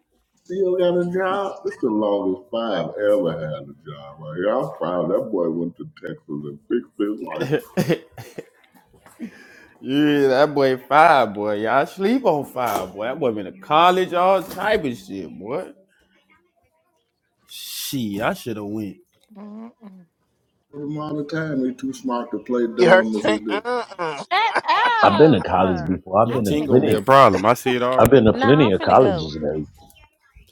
Speaker 6: Still got a job. This the longest five ever had a job right here. I'm proud that boy went to Texas and fixed his
Speaker 2: (laughs)
Speaker 6: life.
Speaker 2: yeah, that boy five, boy. Y'all sleep on five, boy. That boy been to college, all type of shit, boy. She, I should have went.
Speaker 3: mm-mm.
Speaker 6: For the amount of time, he too smart to play
Speaker 1: You heard
Speaker 6: dumb as he
Speaker 1: Tink?
Speaker 6: do.
Speaker 1: Uh-uh.
Speaker 3: Shut
Speaker 5: I've been
Speaker 3: up!
Speaker 5: to college before. I've
Speaker 3: I'm
Speaker 2: Yeah,
Speaker 5: been to
Speaker 2: t'ink
Speaker 3: finna
Speaker 2: gonna be a
Speaker 5: plenty
Speaker 3: go.
Speaker 2: problem. I see it
Speaker 5: I've
Speaker 2: already.
Speaker 5: been to
Speaker 3: No,
Speaker 5: plenty
Speaker 3: I'm
Speaker 5: of
Speaker 3: finna
Speaker 5: colleges
Speaker 3: go.
Speaker 5: and everything.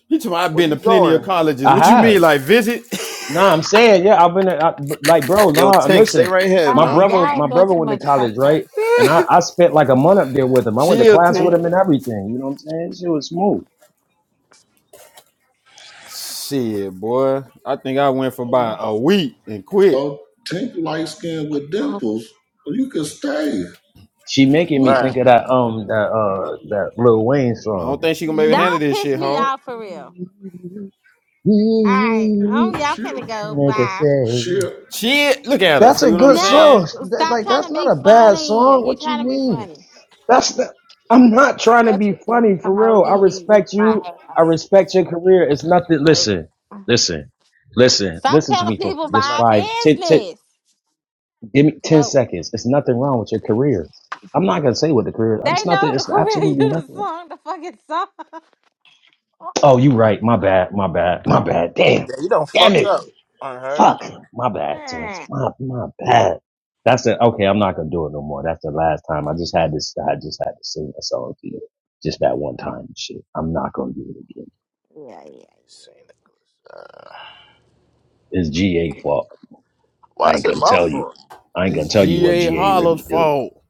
Speaker 2: You talking? me, I've
Speaker 1: Where
Speaker 2: been to
Speaker 1: you
Speaker 2: plenty of
Speaker 1: going?
Speaker 2: colleges.
Speaker 5: I
Speaker 2: What you
Speaker 5: have.
Speaker 2: mean, like visit?
Speaker 5: No, I'm saying, yeah, I've been I, like, bro,
Speaker 1: Yo,
Speaker 5: nah,
Speaker 1: Tink, stay
Speaker 5: listen,
Speaker 1: right here,
Speaker 5: my
Speaker 3: Bye.
Speaker 1: man.
Speaker 5: brother,
Speaker 3: Y'all
Speaker 5: my
Speaker 3: doing
Speaker 5: brother
Speaker 3: too
Speaker 5: went to
Speaker 3: much
Speaker 5: college,
Speaker 3: fucking up.
Speaker 5: right? And I, I spent like a month up there with him.
Speaker 2: (laughs)
Speaker 5: I went to
Speaker 2: Chill,
Speaker 5: class with
Speaker 3: No,
Speaker 2: team.
Speaker 5: him and everything. You know what I'm saying? She was smooth.
Speaker 2: Shit, boy. I think I went for
Speaker 6: Oh,
Speaker 2: about a week and quit.
Speaker 6: oh Tink light skin with dimples. Well, you can stay.
Speaker 5: She making me
Speaker 6: Look,
Speaker 1: Right.
Speaker 5: think of that, um, that, uh, that Lil Wayne
Speaker 2: I don't
Speaker 5: song.
Speaker 2: think she gonna maybe handle
Speaker 3: don't
Speaker 2: this
Speaker 3: piss
Speaker 2: shit,
Speaker 3: me
Speaker 2: hog.
Speaker 3: off for real. All right, um, y'all
Speaker 6: she'll,
Speaker 3: finna go.
Speaker 5: Nigga
Speaker 3: Bye.
Speaker 5: say.
Speaker 6: she'll,
Speaker 2: Shit, look at her.
Speaker 5: That's a
Speaker 2: See what I'm
Speaker 5: good
Speaker 3: No,
Speaker 5: song.
Speaker 2: saying?
Speaker 5: That,
Speaker 3: stop
Speaker 5: like,
Speaker 3: trying
Speaker 5: that's
Speaker 3: to
Speaker 5: not
Speaker 3: be
Speaker 5: a bad
Speaker 3: funny.
Speaker 5: song.
Speaker 3: you
Speaker 5: What you
Speaker 3: trying to be
Speaker 5: mean?
Speaker 3: funny.
Speaker 5: That's the, I'm not trying to
Speaker 3: That's
Speaker 5: be
Speaker 3: what it is.
Speaker 5: funny for
Speaker 3: come on,
Speaker 5: real. I
Speaker 3: we me with
Speaker 5: respect
Speaker 3: my
Speaker 5: you. I
Speaker 3: ass.
Speaker 5: respect your career. It's nothing.
Speaker 3: Nope.
Speaker 5: Listen, listen, listen,
Speaker 3: Stop
Speaker 5: listen to
Speaker 3: telling
Speaker 5: me for
Speaker 3: people
Speaker 1: This is
Speaker 5: just
Speaker 3: my
Speaker 1: medical.
Speaker 5: five, ten, ten,
Speaker 3: business.
Speaker 5: give me 10
Speaker 3: Nope.
Speaker 5: seconds. It's nothing wrong with your career. I'm not going to say what the career,
Speaker 3: They
Speaker 5: it's nothing.
Speaker 3: know the
Speaker 5: It's
Speaker 3: Korean (laughs)
Speaker 5: absolutely
Speaker 3: you the
Speaker 5: nothing.
Speaker 3: song, the fucking song.
Speaker 5: Oh, you right. My bad. My bad. My bad. Damn.
Speaker 1: Yeah, you done
Speaker 5: Damn
Speaker 1: fucked
Speaker 5: it.
Speaker 1: up. Unheard.
Speaker 5: Fuck, my bad, teams.
Speaker 3: yeah,
Speaker 5: My my bad. That's it. okay. I'm not gonna do it no more. That's the last time. I just had this. I just had to sing a song to you, just that one time. and Shit, I'm not gonna do it again.
Speaker 3: yeah.
Speaker 1: Say that.
Speaker 5: It's GA fault.
Speaker 1: Why
Speaker 5: I ain't
Speaker 1: is it
Speaker 5: gonna
Speaker 1: my
Speaker 5: tell you.
Speaker 1: fault?
Speaker 5: I ain't gonna
Speaker 2: It's
Speaker 5: tell you what
Speaker 2: G.A.
Speaker 5: GA
Speaker 2: Hollow's
Speaker 5: really do.
Speaker 2: fault.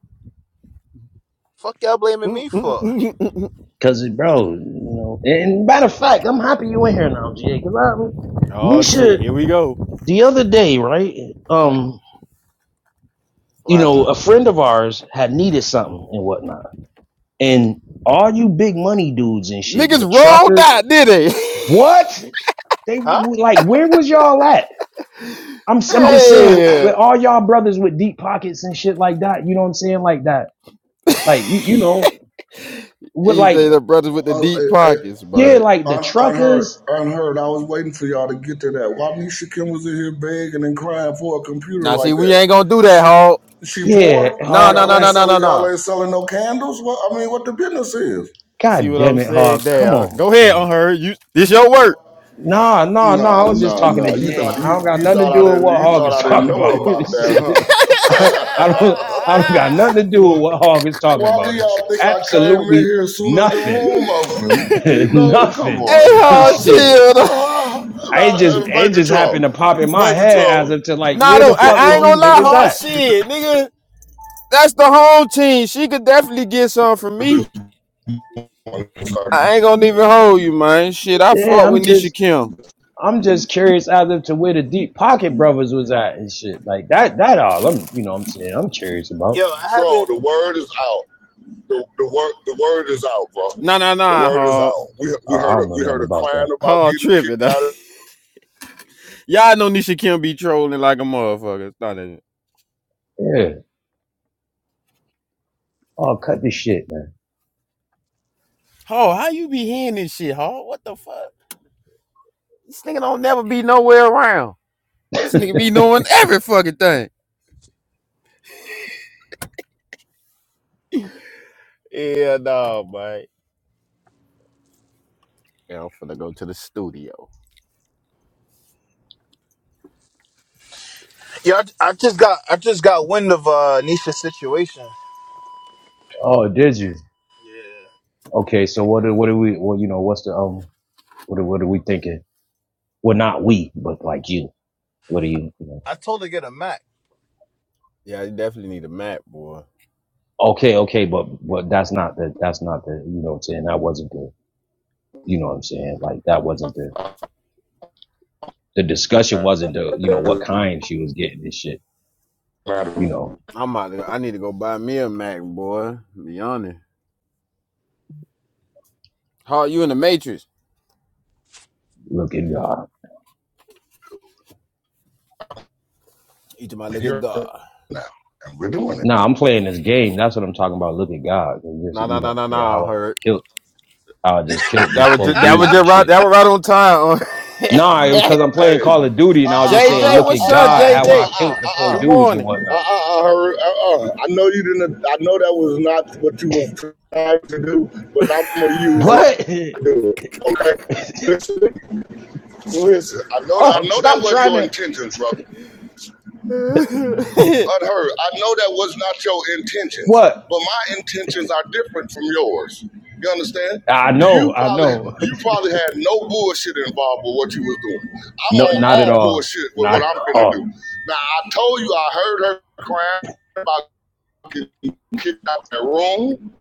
Speaker 1: Fuck y'all
Speaker 2: (laughs)
Speaker 1: blaming me for?
Speaker 2: Mm-mm-mm-mm-mm.
Speaker 5: Cause it- bro, you know. And matter of fact, I'm happy you in here now, GA. Cause I,
Speaker 2: Oh
Speaker 5: Nisha,
Speaker 2: shit, here we go.
Speaker 5: the other day, right?
Speaker 1: Mm,
Speaker 5: Um, you
Speaker 1: what
Speaker 5: know,
Speaker 1: happened?
Speaker 5: a friend of ours had needed something and whatnot And all you big money dudes and shit,
Speaker 2: Niggas
Speaker 5: the
Speaker 2: rolled
Speaker 5: truckers,
Speaker 2: out, did they?
Speaker 5: what? They
Speaker 1: Huh?
Speaker 5: like, where was y'all at? I'm I'm just
Speaker 1: Oh.
Speaker 5: saying, with,
Speaker 2: (laughs)
Speaker 5: with
Speaker 2: yeah.
Speaker 5: all
Speaker 1: (clears throat)
Speaker 5: y'all brothers with deep pockets and shit like that, you know what I'm saying, like that, like you you know, with
Speaker 2: He say
Speaker 5: like
Speaker 2: the brothers with the
Speaker 6: uh, uh,
Speaker 2: deep
Speaker 6: uh,
Speaker 2: pockets,
Speaker 5: yeah,
Speaker 2: but
Speaker 5: like the
Speaker 6: Un- unheard,
Speaker 5: truckers,
Speaker 6: unheard. I was waiting for y'all to get to that. Why Nisha Kim was in here begging and crying for a computer
Speaker 2: now see,
Speaker 6: like
Speaker 2: we
Speaker 6: that?
Speaker 2: ain't gonna do that,
Speaker 6: She,
Speaker 2: hog.
Speaker 6: she
Speaker 5: yeah,
Speaker 6: poor.
Speaker 2: No,
Speaker 5: hog,
Speaker 2: no,
Speaker 6: Y'all
Speaker 2: no,
Speaker 6: ain't
Speaker 2: no,
Speaker 5: like
Speaker 2: no, no,
Speaker 6: selling. Y'all
Speaker 2: no.
Speaker 6: ain't selling no candles. Well, I mean, what the business is?
Speaker 2: See
Speaker 5: God
Speaker 2: what
Speaker 5: damn
Speaker 2: I'm
Speaker 5: it,
Speaker 2: saying?
Speaker 5: hog, come
Speaker 2: Damn.
Speaker 5: on,
Speaker 2: Go ahead
Speaker 5: Kane.
Speaker 2: on her. You this your work.
Speaker 5: No, no, no. I
Speaker 6: No,
Speaker 5: was just
Speaker 6: no,
Speaker 5: talking to
Speaker 6: no. You
Speaker 5: GA.
Speaker 6: thought
Speaker 5: I
Speaker 6: you,
Speaker 5: don't got
Speaker 6: you
Speaker 5: nothing to
Speaker 6: thought
Speaker 5: do
Speaker 6: I
Speaker 5: with
Speaker 6: didn't.
Speaker 5: what
Speaker 6: You
Speaker 5: Hog
Speaker 6: thought
Speaker 5: is
Speaker 6: I didn't
Speaker 5: talking
Speaker 6: know
Speaker 5: about. (laughs)
Speaker 6: about that,
Speaker 5: Shit.
Speaker 6: huh?
Speaker 5: I, I don't I don't
Speaker 6: (laughs)
Speaker 5: got nothing
Speaker 2: (laughs)
Speaker 5: to do
Speaker 6: What?
Speaker 5: with what Hog is talking
Speaker 6: Why do
Speaker 5: about and shit.
Speaker 6: y'all think I came in
Speaker 5: Absolutely
Speaker 6: here as soon as the
Speaker 5: nothing.
Speaker 6: room
Speaker 5: (laughs)
Speaker 6: opened? You know, come
Speaker 5: nothing.
Speaker 2: Hey,
Speaker 6: on
Speaker 5: (laughs)
Speaker 2: hard
Speaker 6: now.
Speaker 5: shit.
Speaker 2: chill.
Speaker 6: Ah,
Speaker 5: I it just
Speaker 6: nah, uh,
Speaker 5: it
Speaker 6: baby
Speaker 5: just
Speaker 6: troll.
Speaker 5: happened to pop in my
Speaker 6: Baby
Speaker 5: head as
Speaker 6: troll.
Speaker 5: if to
Speaker 2: (laughs)
Speaker 5: like
Speaker 2: nah,
Speaker 5: where
Speaker 2: though,
Speaker 5: the
Speaker 2: I,
Speaker 5: fuck
Speaker 2: I
Speaker 5: was
Speaker 2: ain't
Speaker 6: Troll,
Speaker 5: these
Speaker 2: gonna lie,
Speaker 5: niggas
Speaker 2: hard
Speaker 6: Why
Speaker 5: at?
Speaker 6: are you
Speaker 2: shit, nigga. That's the home team. She could definitely get some from
Speaker 6: doing
Speaker 2: me.
Speaker 6: this morning, sir?
Speaker 2: I ain't gonna even hold you, man. Shit, I
Speaker 5: Yeah,
Speaker 2: fuck
Speaker 5: I'm
Speaker 2: with Nisha
Speaker 5: just
Speaker 2: Kim.
Speaker 5: I'm just curious as if to where the deep pocket brothers was at and shit. Like that that all I'm you know what I'm saying I'm curious about.
Speaker 1: Yo, I
Speaker 6: Troll,
Speaker 1: haven't.
Speaker 6: the word is out. The, the word the word is out, bro.
Speaker 2: Nah, nah,
Speaker 6: The
Speaker 2: nah,
Speaker 6: word is
Speaker 2: hard,
Speaker 6: out. We we
Speaker 5: Uh, I
Speaker 6: heard a,
Speaker 5: don't know
Speaker 6: we
Speaker 5: nothing
Speaker 6: heard a
Speaker 5: about
Speaker 6: crying
Speaker 5: that.
Speaker 6: about
Speaker 2: hard
Speaker 6: getting
Speaker 2: tripping.
Speaker 6: kicked out
Speaker 2: (laughs) Y'all know Nisha Kim be trolling like a motherfucker. Nah, nah. shit.
Speaker 5: Yeah. Oh, cut the shit,
Speaker 2: Hard, how you be hearing this shit, hard? What the fuck? This nigga don't never be nowhere around. This
Speaker 5: man.
Speaker 2: nigga be
Speaker 5: (laughs)
Speaker 2: knowing every fucking thing. Yeah, no, man. Yeah, I'm finna go to the studio.
Speaker 1: Yo, I, I just got I just got wind of uh Nisha's situation.
Speaker 5: oh, did you?
Speaker 1: Yeah.
Speaker 5: Okay, so what? Are, what are we? Well, you know, what's the um? What are, what are we thinking? Well, not we, but like you. What are you? you know?
Speaker 1: I told her to get a Mac.
Speaker 2: Yeah, you definitely need a Mac, boy.
Speaker 5: Okay, okay, but but that's not the that's not the you know what I'm saying. That wasn't the you know what I'm saying. Like that wasn't the the discussion
Speaker 6: of
Speaker 5: wasn't the you know what kind she was getting this shit. You know,
Speaker 2: I'm out. To, I need to go buy me a Mac, boy. Be honest. How are you in the Matrix?
Speaker 5: look at God.
Speaker 2: You to my look at
Speaker 6: here
Speaker 2: God.
Speaker 6: now. And we're doing it.
Speaker 5: Nah, I'm playing this game. That's what I'm talking about. Look at God and just
Speaker 2: No,
Speaker 5: you
Speaker 2: no,
Speaker 5: know
Speaker 2: no,
Speaker 5: what I'm
Speaker 2: no,
Speaker 5: saying
Speaker 2: no.
Speaker 5: how I
Speaker 2: Hurt.
Speaker 5: just killed how I just killed
Speaker 2: That
Speaker 5: these
Speaker 2: was
Speaker 5: four
Speaker 2: just, that was
Speaker 5: dudes
Speaker 1: (laughs)
Speaker 5: and
Speaker 2: just right.
Speaker 5: shit.
Speaker 2: That was right on time.
Speaker 5: Nah, it was
Speaker 2: (laughs)
Speaker 5: because I'm playing
Speaker 6: Hey, uh, uh,
Speaker 5: Call of Duty and I was just saying,
Speaker 2: JJ,
Speaker 5: look
Speaker 6: uh,
Speaker 5: at
Speaker 2: what's
Speaker 6: uh,
Speaker 2: up,
Speaker 5: God,
Speaker 6: uh, uh,
Speaker 5: how
Speaker 6: uh,
Speaker 5: I
Speaker 2: JJ?
Speaker 5: killed
Speaker 6: uh,
Speaker 5: the four
Speaker 2: Good
Speaker 6: uh.
Speaker 5: dudes and
Speaker 2: morning.
Speaker 6: Uh uh
Speaker 5: whatnot.
Speaker 6: uh, her- uh uh. I know you didn't. I know that was not what you was trying to do, but I'm gonna use it
Speaker 5: What?
Speaker 6: to do it. Okay, listen, listen. I
Speaker 5: (laughs)
Speaker 6: know that.
Speaker 5: oh,
Speaker 6: I know that
Speaker 5: stop
Speaker 6: wasn't
Speaker 5: trying
Speaker 6: your
Speaker 5: to.
Speaker 6: intentions,
Speaker 5: (laughs)
Speaker 6: brother
Speaker 2: (laughs) you
Speaker 6: unheard. I know that was not your intentions,
Speaker 5: What?
Speaker 6: but my intentions are different from yours. You understand?
Speaker 5: I know,
Speaker 6: You
Speaker 5: I
Speaker 6: probably
Speaker 5: know. (laughs)
Speaker 6: you probably had no bullshit involved with what you was doing. I'm
Speaker 5: No,
Speaker 6: on
Speaker 5: not at
Speaker 6: all
Speaker 5: all.
Speaker 6: bullshit with
Speaker 5: Not
Speaker 6: what
Speaker 5: at
Speaker 6: I'm finna do.
Speaker 5: all.
Speaker 6: Now I told you I heard her crying about getting kicked out of that room.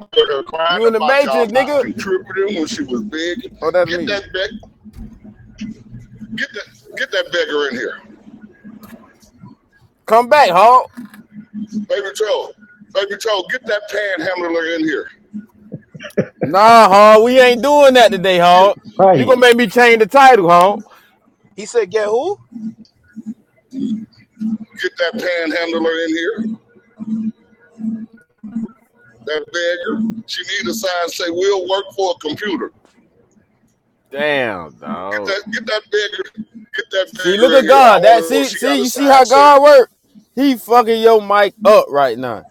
Speaker 6: I heard her crying
Speaker 2: in the
Speaker 6: about y'all
Speaker 2: Matrix,
Speaker 6: not
Speaker 2: nigga?
Speaker 6: contributing when she was big.
Speaker 2: Oh, that's
Speaker 6: Get
Speaker 2: me.
Speaker 6: that beg, get that get that beggar in here,
Speaker 2: Come back, huh?
Speaker 6: baby Joe. Baby Joe, get that panhandler in here.
Speaker 2: Nah, Hog, we ain't doing that today, Hog. You
Speaker 5: Right.
Speaker 2: gonna make me change the title, Hog.
Speaker 1: he said get who?
Speaker 6: Get that panhandler in here, that beggar. She need a sign say, we'll work for a computer.
Speaker 2: Damn,
Speaker 6: Get
Speaker 2: dog.
Speaker 6: that, get that beggar, get that
Speaker 2: See, look
Speaker 6: beggar in
Speaker 2: at
Speaker 6: here. I
Speaker 2: God.
Speaker 6: want
Speaker 2: That
Speaker 6: to know if
Speaker 2: see,
Speaker 6: she
Speaker 2: see,
Speaker 6: got a
Speaker 2: you see
Speaker 6: sign
Speaker 2: how
Speaker 6: say,
Speaker 2: God work? He fucking your mic up right now.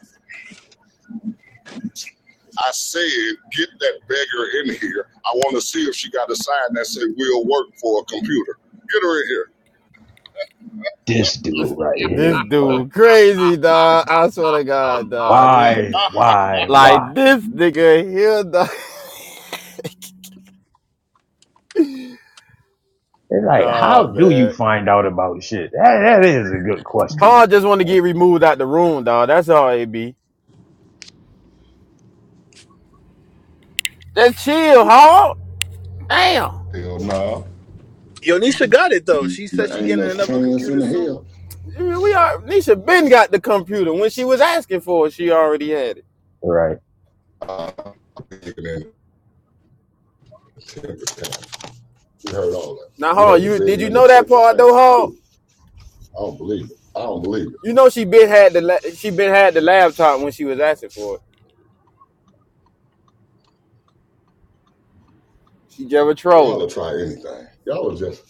Speaker 6: I said, get that beggar in here. I want to see if she got a sign that said, we'll work for a computer. Get her in here.
Speaker 5: This
Speaker 2: This,
Speaker 5: dude right here,
Speaker 2: this
Speaker 5: boy.
Speaker 2: dude crazy, dog. I swear to God, dog. This
Speaker 5: Why, why, why?
Speaker 2: like this nigga here, dog.
Speaker 5: It's
Speaker 2: (laughs)
Speaker 5: like,
Speaker 2: nah,
Speaker 5: how do you
Speaker 2: man.
Speaker 5: find out about shit? That, that is a good question.
Speaker 2: Hog just want to
Speaker 5: Like,
Speaker 2: get removed out the room, dog. That's all it be. Just chill, Hog. Damn.
Speaker 6: Hell no.
Speaker 1: Yo, Nisha got it though. She said
Speaker 6: There
Speaker 1: she
Speaker 6: ain't
Speaker 1: getting
Speaker 6: no
Speaker 1: another
Speaker 6: chance in
Speaker 1: computer
Speaker 6: the
Speaker 1: soon.
Speaker 6: hell.
Speaker 2: I mean, we are Nisha Ben got the computer. When she was asking for it, she already had it.
Speaker 5: Right.
Speaker 6: Uh, begging and temper tantrum. We heard all that.
Speaker 2: Now
Speaker 6: We
Speaker 2: Hall,
Speaker 6: heard the
Speaker 2: you did
Speaker 6: begging
Speaker 2: you
Speaker 6: and the
Speaker 2: know that
Speaker 6: temper
Speaker 2: part though,
Speaker 6: tantrum
Speaker 2: Hall?
Speaker 6: too. I don't believe it. I don't believe it.
Speaker 2: You know she been had the la- she been had the laptop when she was asking for it. She just
Speaker 6: Y'all
Speaker 2: trolling.
Speaker 6: will try anything. Y'all will just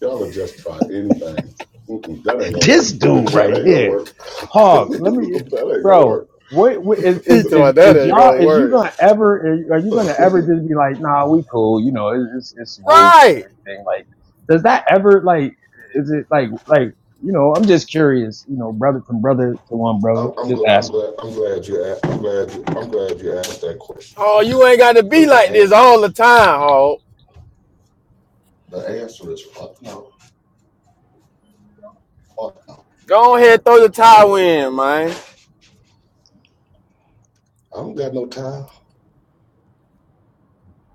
Speaker 6: y'all will just try anything. Mm-mm, that ain't gonna work.
Speaker 5: This
Speaker 6: (laughs) That,
Speaker 5: dude
Speaker 6: that
Speaker 5: right
Speaker 6: ain't gonna work.
Speaker 5: here,
Speaker 6: (laughs)
Speaker 5: Hog. Let me,
Speaker 6: that ain't gonna
Speaker 5: bro.
Speaker 6: work.
Speaker 5: What, what is,
Speaker 2: (laughs) He
Speaker 5: is
Speaker 2: told
Speaker 5: is
Speaker 2: her that
Speaker 5: is
Speaker 2: ain't
Speaker 5: y'all?
Speaker 2: gonna
Speaker 5: Is you
Speaker 2: work.
Speaker 5: gonna ever? Are you
Speaker 6: (laughs)
Speaker 5: gonna ever just be like, nah, we cool? You know, it's it's, it's smooth,
Speaker 2: Right.
Speaker 5: everything. Like, does that ever like? Is it like like? You know, I'm just curious. You know, brother from brother to one brother,
Speaker 6: I'm, I'm,
Speaker 5: just
Speaker 6: gl- I'm
Speaker 5: ask me.
Speaker 6: glad. I'm glad you. a- I'm glad. You, I'm glad you asked that question,
Speaker 2: Hall,
Speaker 6: bro.
Speaker 2: you ain't gotta be
Speaker 6: Because the
Speaker 2: like this
Speaker 6: answer
Speaker 2: all the
Speaker 6: is
Speaker 2: time, Hall.
Speaker 6: the answer is fuck no. Fuck no.
Speaker 2: Go
Speaker 6: It's never
Speaker 2: ahead throw the
Speaker 6: gonna change.
Speaker 2: towel in, man.
Speaker 6: I don't got no time.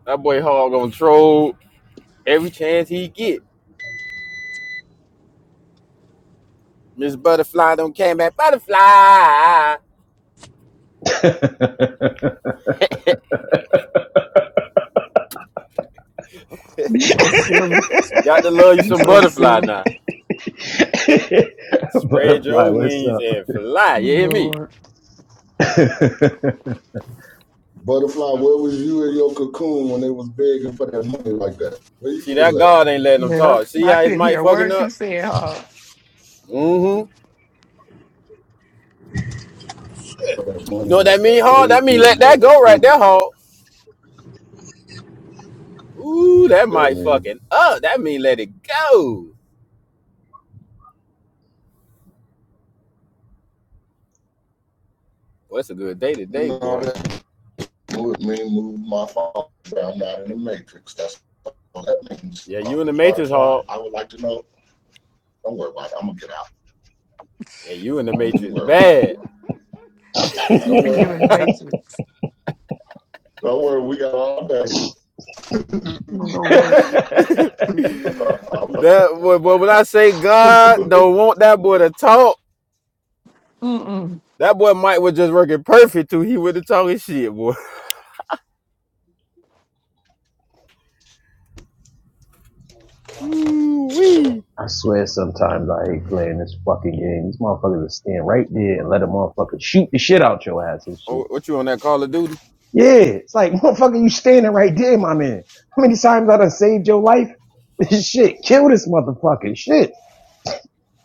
Speaker 2: That boy Hall gonna troll every chance he get. Miss Butterfly don't came back. Butterfly.
Speaker 5: (laughs)
Speaker 4: I'm so silly.
Speaker 2: You got to love you
Speaker 4: I'm
Speaker 2: some
Speaker 4: so
Speaker 2: butterfly
Speaker 4: silly.
Speaker 2: now. Spread
Speaker 5: Butterfly,
Speaker 2: your
Speaker 5: what's
Speaker 2: wings and fly. You hear me?
Speaker 4: Lord.
Speaker 5: up?
Speaker 6: Butterfly, where was you in your cocoon when they was begging for that money like that? Where you
Speaker 2: See that
Speaker 6: was at
Speaker 2: God ain't letting them
Speaker 4: Yep.
Speaker 2: talk. See
Speaker 4: I
Speaker 2: how his
Speaker 4: couldn't hear
Speaker 2: mic
Speaker 4: a
Speaker 2: fucking
Speaker 4: word you
Speaker 2: up?
Speaker 4: said, huh?
Speaker 2: Mm-hmm.
Speaker 6: for that
Speaker 2: You
Speaker 6: money
Speaker 2: know what that
Speaker 6: like
Speaker 2: mean,
Speaker 6: that? Where
Speaker 2: Hog?
Speaker 6: was
Speaker 2: That mean
Speaker 6: you in
Speaker 2: let
Speaker 6: your
Speaker 2: that go right
Speaker 6: cocoon?
Speaker 2: there, Hog. Ooh, that
Speaker 6: That
Speaker 2: mic
Speaker 6: mean,
Speaker 2: fucking up. That mean let it go. Well, it's a good day today,
Speaker 6: no,
Speaker 2: boy.
Speaker 6: that Move me, move my phone. so I'm not in the matrix. That's all that means.
Speaker 2: Yeah, you in
Speaker 6: Um,
Speaker 2: the Matrix,
Speaker 6: butterfly,
Speaker 2: Hog.
Speaker 6: I would like to know. Don't worry about it. I'm gonna get out.
Speaker 2: Yeah, you in the
Speaker 6: Don't even
Speaker 2: Matrix
Speaker 6: worry about it.
Speaker 2: bad.
Speaker 6: Don't
Speaker 4: Keeping you
Speaker 6: worry.
Speaker 4: in the matrix.
Speaker 6: Don't worry. We got all day.
Speaker 4: Lord.
Speaker 2: (laughs) that
Speaker 5: (laughs)
Speaker 6: (laughs)
Speaker 2: boy, but when I say God don't want that boy to talk,
Speaker 4: Mm-mm.
Speaker 2: that boy Mike was just working perfect too. He would have talking shit, boy. (laughs) Ooh wee.
Speaker 5: I swear sometimes I hate playing this fucking game. These motherfuckers will stand right there and let a motherfucker shoot the shit out your ass and shit.
Speaker 2: Oh, what you on that Call of Duty?
Speaker 5: Yeah, it's like, (laughs) motherfucker, you standing right there, my man. How many times I done saved your life? (laughs) shit, kill this motherfucker. Shit.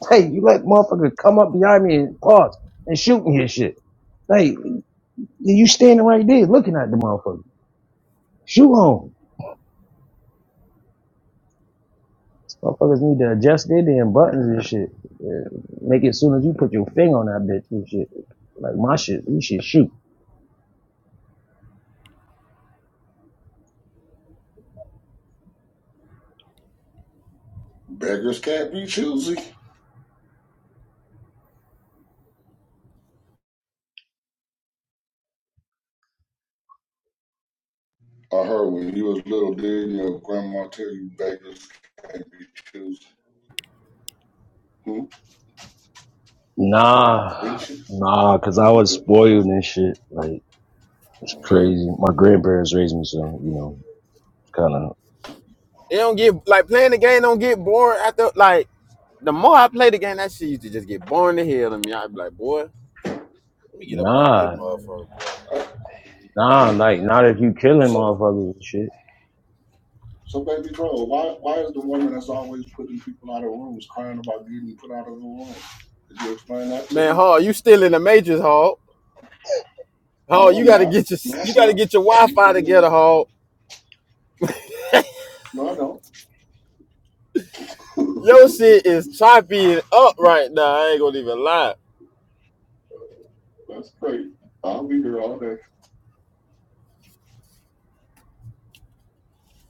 Speaker 5: Hey, you let motherfucker come up behind me and pause and shoot me and shit. Like, you standing right there looking at the motherfucker. Shoot home. Motherfuckers need to adjust their damn buttons and shit. Yeah, Make it as soon as you put your finger on that bitch and shit. Like my shit, you should shoot.
Speaker 6: beggars can't be choosy. I heard when you was little, did your grandma tell you beggars can't be choosy? Hmm? Didn't
Speaker 5: Nah,
Speaker 6: she?
Speaker 5: nah, cause I was
Speaker 6: Yeah.
Speaker 5: spoiled and shit. Like it's
Speaker 6: Uh,
Speaker 5: crazy. My grandparents raised me, so you know, kind of.
Speaker 2: It don't get like playing the game don't get boring after like the more I play the game, that shit used to just get boring to hell to me. I'd be like, boy, let me get up off this
Speaker 5: Nah,
Speaker 2: motherfucker, boy.
Speaker 5: nah, like not if you killing
Speaker 6: So
Speaker 5: motherfuckers and shit.
Speaker 6: So baby girl, why why is the woman that's always putting people out of rooms crying about getting put out of the room? Could you explain that to
Speaker 2: Man,
Speaker 6: me?
Speaker 2: Hall, you still in the majors, Hall. Hall,
Speaker 6: No,
Speaker 2: you
Speaker 6: I'm
Speaker 2: gotta
Speaker 6: not.
Speaker 2: get your
Speaker 6: No,
Speaker 2: you
Speaker 6: I'm
Speaker 2: gotta
Speaker 6: not.
Speaker 2: get your
Speaker 6: You
Speaker 2: Wi-Fi
Speaker 6: can,
Speaker 2: together, Hall.
Speaker 6: no, I don't.
Speaker 2: Your shit is choppy and up right now. I ain't gonna even lie.
Speaker 6: That's great. I'll be here all day.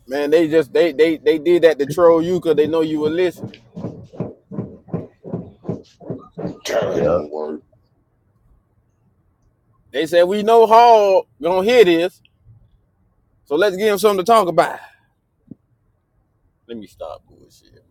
Speaker 2: Man, they just they they they did that to troll you because they know you were listening.
Speaker 6: Karen,
Speaker 5: Yeah.
Speaker 6: don't worry.
Speaker 2: They said we know Hall gonna hear this, so let's give him something to talk about. Let me stop bullshit.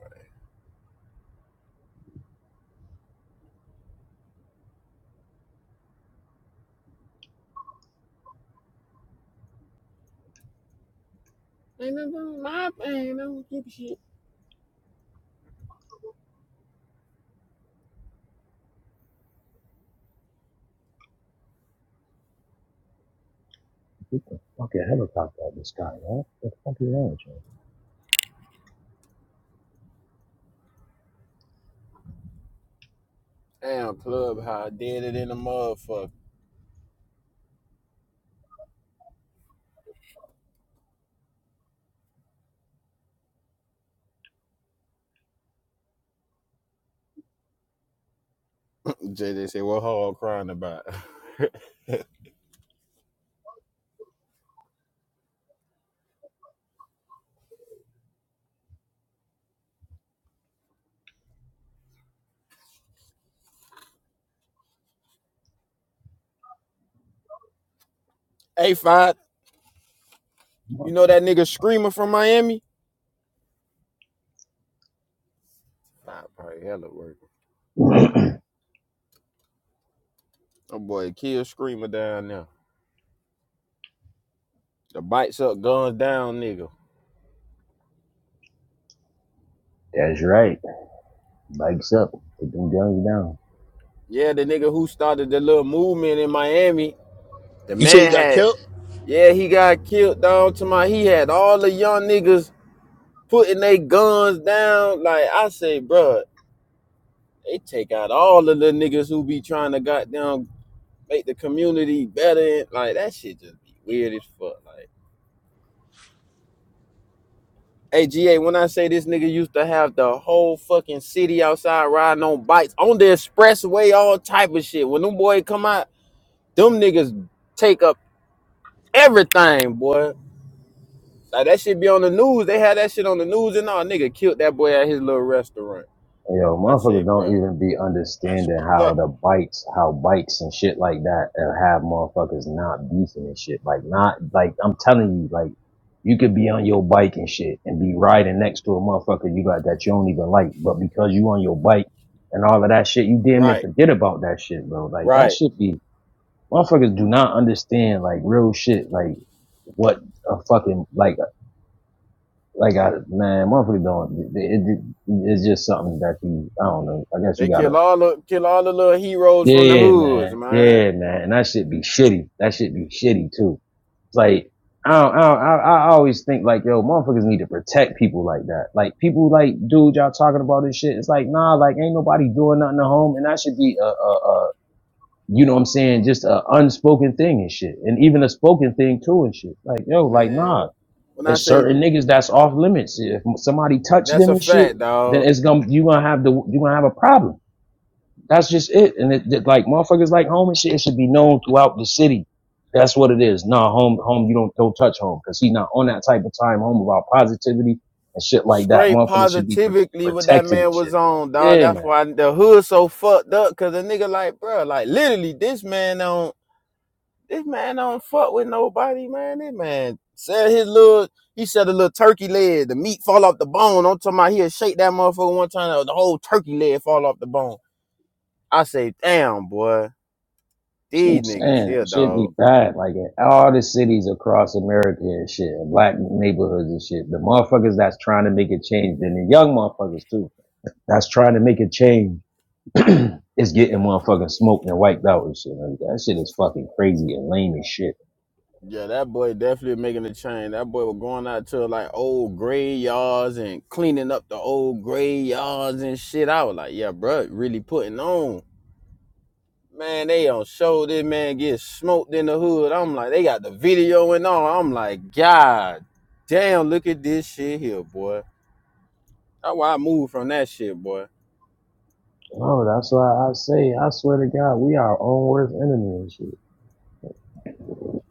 Speaker 2: Ain't nothing wrong. My I ain't no stupid shit.
Speaker 5: Get the fucking helicopter out of the sky, huh? What the fuck is that?
Speaker 2: Damn, Clubhouse did it in the motherfucker. (laughs) JJ said, what hog crying about? (laughs) hey, Five, you know that
Speaker 5: Come
Speaker 2: nigga Screamer from Miami? Five probably hella working.
Speaker 5: on, bro.
Speaker 2: Oh boy, kill Screamer down there. The bites up, guns down nigga.
Speaker 5: (clears throat) That's right. Bikes up. Put them guns down.
Speaker 2: Yeah, the nigga who started the little movement in Miami, the
Speaker 1: You say he
Speaker 2: man
Speaker 1: got
Speaker 2: had,
Speaker 1: killed?
Speaker 2: yeah, he got killed down to my, he had all the young niggas putting their guns down. Like, I say, bruh, They take out all the little niggas who be trying to goddamn make the community better. Like that shit just be weird as fuck. Like, hey GA, when I say this nigga used to have the whole fucking city outside riding on bikes on the expressway, all type of shit. When them boys come out, them niggas take up everything, boy. Like that shit be on the news. They had that shit on the news and all. Nigga killed that boy at his little restaurant.
Speaker 5: Hey, Yo,
Speaker 2: I
Speaker 5: motherfuckers
Speaker 2: say, bruh.
Speaker 5: don't even be
Speaker 1: That's
Speaker 5: understanding
Speaker 1: fucked
Speaker 5: how
Speaker 1: up.
Speaker 5: the bikes, how bikes and shit like that uh, have motherfuckers not beefing and shit. Like not, like I'm telling you, like you could be on your bike and shit and be riding next to a motherfucker you got that you don't even like, but because you on your bike and all of that shit, you damn near
Speaker 2: Right,
Speaker 5: forget about that shit, bro. Like that
Speaker 2: right.
Speaker 5: should be motherfuckers do not understand like real shit, like what a fucking like like I man, motherfucker don't. It, it, it's just something that you. I don't know. I guess
Speaker 2: They
Speaker 5: you
Speaker 2: kill
Speaker 5: gotta.
Speaker 2: all the kill all the little heroes from the
Speaker 5: Yeah,
Speaker 2: hoods,
Speaker 5: man.
Speaker 2: man.
Speaker 5: Yeah, man. And that shit be shitty. That shit be shitty too. It's like I don't, I, don't, I I always think like yo, motherfuckers need to protect people like that. Like people like dude, y'all talking about this shit. It's like nah, like ain't nobody doing nothing at home, and that should be a a. a you know what I'm saying? Just a unspoken thing and shit. And even a spoken thing too and shit. Like, yo, like,
Speaker 2: Man,
Speaker 5: nah.
Speaker 2: when I
Speaker 5: It's
Speaker 2: say
Speaker 5: certain niggas that's off limits. If somebody touch
Speaker 2: that's
Speaker 5: them
Speaker 2: a
Speaker 5: and
Speaker 2: fact,
Speaker 5: shit, then
Speaker 2: dog.
Speaker 5: it's gonna you gonna have the you gonna have a problem. That's just it. And it, it- like motherfuckers like home and shit, it should be known throughout the city. That's what it is. Nah, home, home, you don't don't touch home because he's not on that type of time. Home about positivity and shit like that.
Speaker 2: Straight
Speaker 5: Motherfuckers should be pro-
Speaker 2: positively what that
Speaker 5: protected and
Speaker 2: man was
Speaker 5: shit. Bro.
Speaker 2: on, dog.
Speaker 5: Yeah,
Speaker 2: That's
Speaker 5: man.
Speaker 2: why the hood so fucked up. Cause the nigga like, bro, like literally, this man don't, this man don't fuck with nobody, man. This man said his little, he said a little turkey leg, the meat fall off the bone. I'm talking about he'll shake that motherfucker one time, the whole turkey leg fall off the bone. I say, damn, boy,
Speaker 5: That's what
Speaker 2: these
Speaker 5: I'm
Speaker 2: niggas
Speaker 5: saying.
Speaker 2: here,
Speaker 5: Shit be
Speaker 2: dog.
Speaker 5: bad. Like in all the cities across America and shit, and black neighborhoods and shit. The motherfuckers that's trying to make a change, and the young motherfuckers too That's trying to make a change. (clears throat) is getting motherfucking smoked and wiped out and shit. Like, that shit is fucking crazy and lame as shit.
Speaker 2: Yeah, that boy definitely making a change. That boy was going out to like old graveyards and cleaning up the old graveyards and shit. I was like, yeah, bro, really putting on. Man, they on show. This man get smoked in the hood. I'm like, they got the video and all. I'm like, God damn, look at this shit here, boy. That's why I moved from that shit, boy.
Speaker 5: Oh, that's why I say, I swear to God, we are our own worst enemy and shit. (sniffs)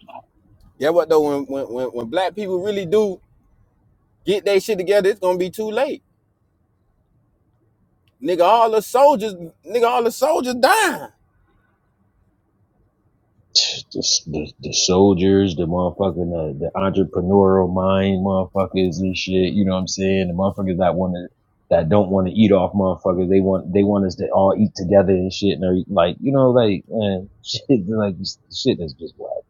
Speaker 2: Yeah, what though? When when when, when black people really do get their shit together, it's gonna be too late, nigga. All the soldiers, nigga, all the soldiers dying.
Speaker 5: The, the, the soldiers, the motherfucking, uh, the entrepreneurial mind motherfuckers and shit, you know what I'm saying? The motherfuckers that want to, that don't want to eat off motherfuckers. They want, they want us to all eat together and shit. And they're like, you know, like, man, (laughs) shit, like, shit is just wild.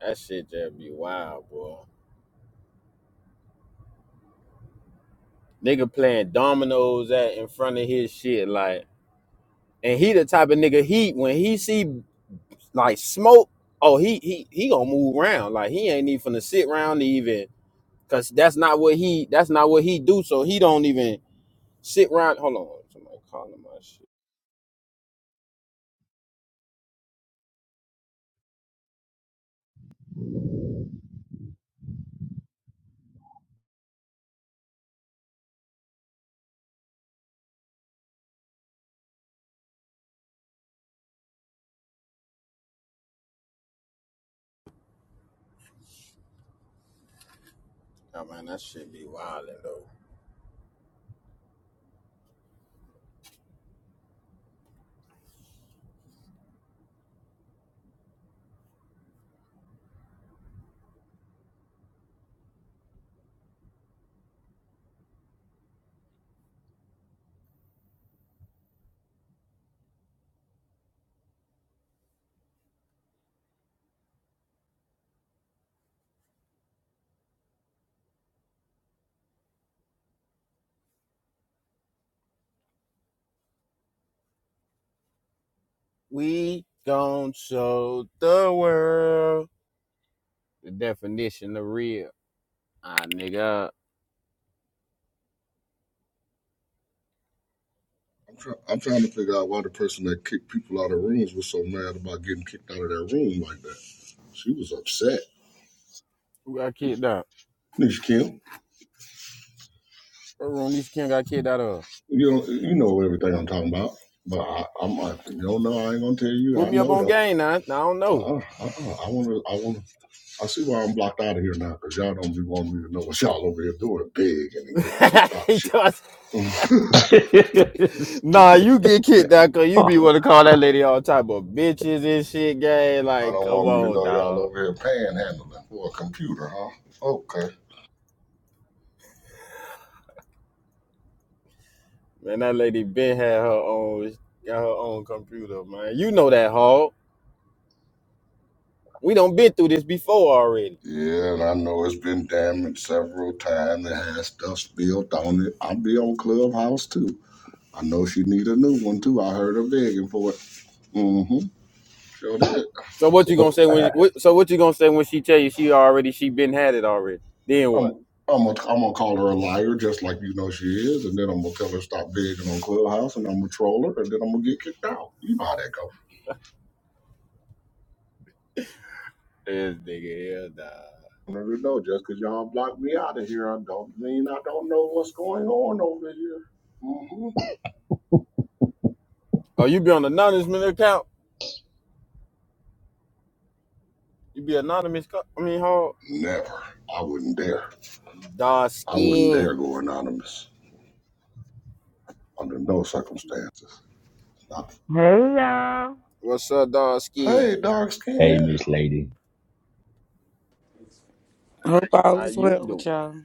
Speaker 2: That shit just be wild, boy. Nigga playing dominoes at in front of his shit, like, and he the type of nigga he when he see like smoke, oh he he he gonna move around, like he ain't even finna sit around to even, cause that's not what he that's not what he do, so he don't even sit around. Hold on, somebody calling my shit. Oh man, that shit be wildin' though. We gon' show the world the definition of real. Ah, nigga,
Speaker 6: I'm, try, I'm trying to figure out why the person that kicked people out of rooms was so mad about getting kicked out of their room like that. She was upset.
Speaker 2: I can't. die.
Speaker 6: Nisha Kim,
Speaker 2: What room Nisha Kim got kicked out of?
Speaker 6: you know, you know everything I'm talking about. But I, I'm, I, you don't know. no, I ain't gonna tell you.
Speaker 2: Put
Speaker 6: I
Speaker 2: me up
Speaker 6: know
Speaker 2: on
Speaker 6: though.
Speaker 2: game now. I don't know.
Speaker 6: Uh-uh, uh-uh. I wanna, I wanna. I see why I'm blocked out of here now, because y'all don't be wanting me to know what y'all over here doing big and then
Speaker 2: (laughs)
Speaker 6: getting kicked out of
Speaker 2: He
Speaker 6: shit.
Speaker 2: told us,
Speaker 6: (laughs) I
Speaker 5: (laughs) Stupid.
Speaker 2: nah, you get kicked out because you be
Speaker 5: (laughs)
Speaker 2: want to call that lady all type of bitches and shit, gang. Like,
Speaker 6: don't
Speaker 2: come
Speaker 6: want me to
Speaker 2: on,
Speaker 6: know y'all
Speaker 2: dog.
Speaker 6: over here panhandling for a computer, huh? Okay.
Speaker 2: Man, that lady been had her own, got her own computer, man. You know that, Hog. We done been through this before already.
Speaker 6: Yeah, and I know it's been damaged several times. It has stuff spilled on it. I'll be on Clubhouse too. I know she need a new one too. I heard her begging for it. Mm-hmm. Sure did.
Speaker 2: So what you gonna
Speaker 5: So,
Speaker 2: say
Speaker 5: uh,
Speaker 2: when? She, what, so what you gonna say when she tell you she already she been had it already? Then what?
Speaker 6: I'm I'm gonna I'm gonna call her a liar just like you know she is, and then I'm gonna tell her stop begging on Clubhouse, and I'm gonna troll her, and then I'm gonna get kicked out. You know how that goes.
Speaker 2: This nigga here, dog.
Speaker 6: I don't even know. Just because y'all blocked me out of here, I don't mean I don't know what's going on over here. hmm
Speaker 2: Oh, you be on anonymous account? You be anonymous? co- I mean, Hog.
Speaker 6: Never. I wouldn't dare.
Speaker 2: Dark
Speaker 6: I wouldn't
Speaker 2: Skin.
Speaker 6: dare go anonymous under no circumstances. Not-
Speaker 7: Hey y'all.
Speaker 2: What's up, dark Skin?
Speaker 6: Hey, dark
Speaker 5: hey,
Speaker 6: skin.
Speaker 5: Miss Lady.
Speaker 7: Hope all
Speaker 2: How
Speaker 7: is
Speaker 2: you
Speaker 7: well with
Speaker 2: doing?
Speaker 7: y'all.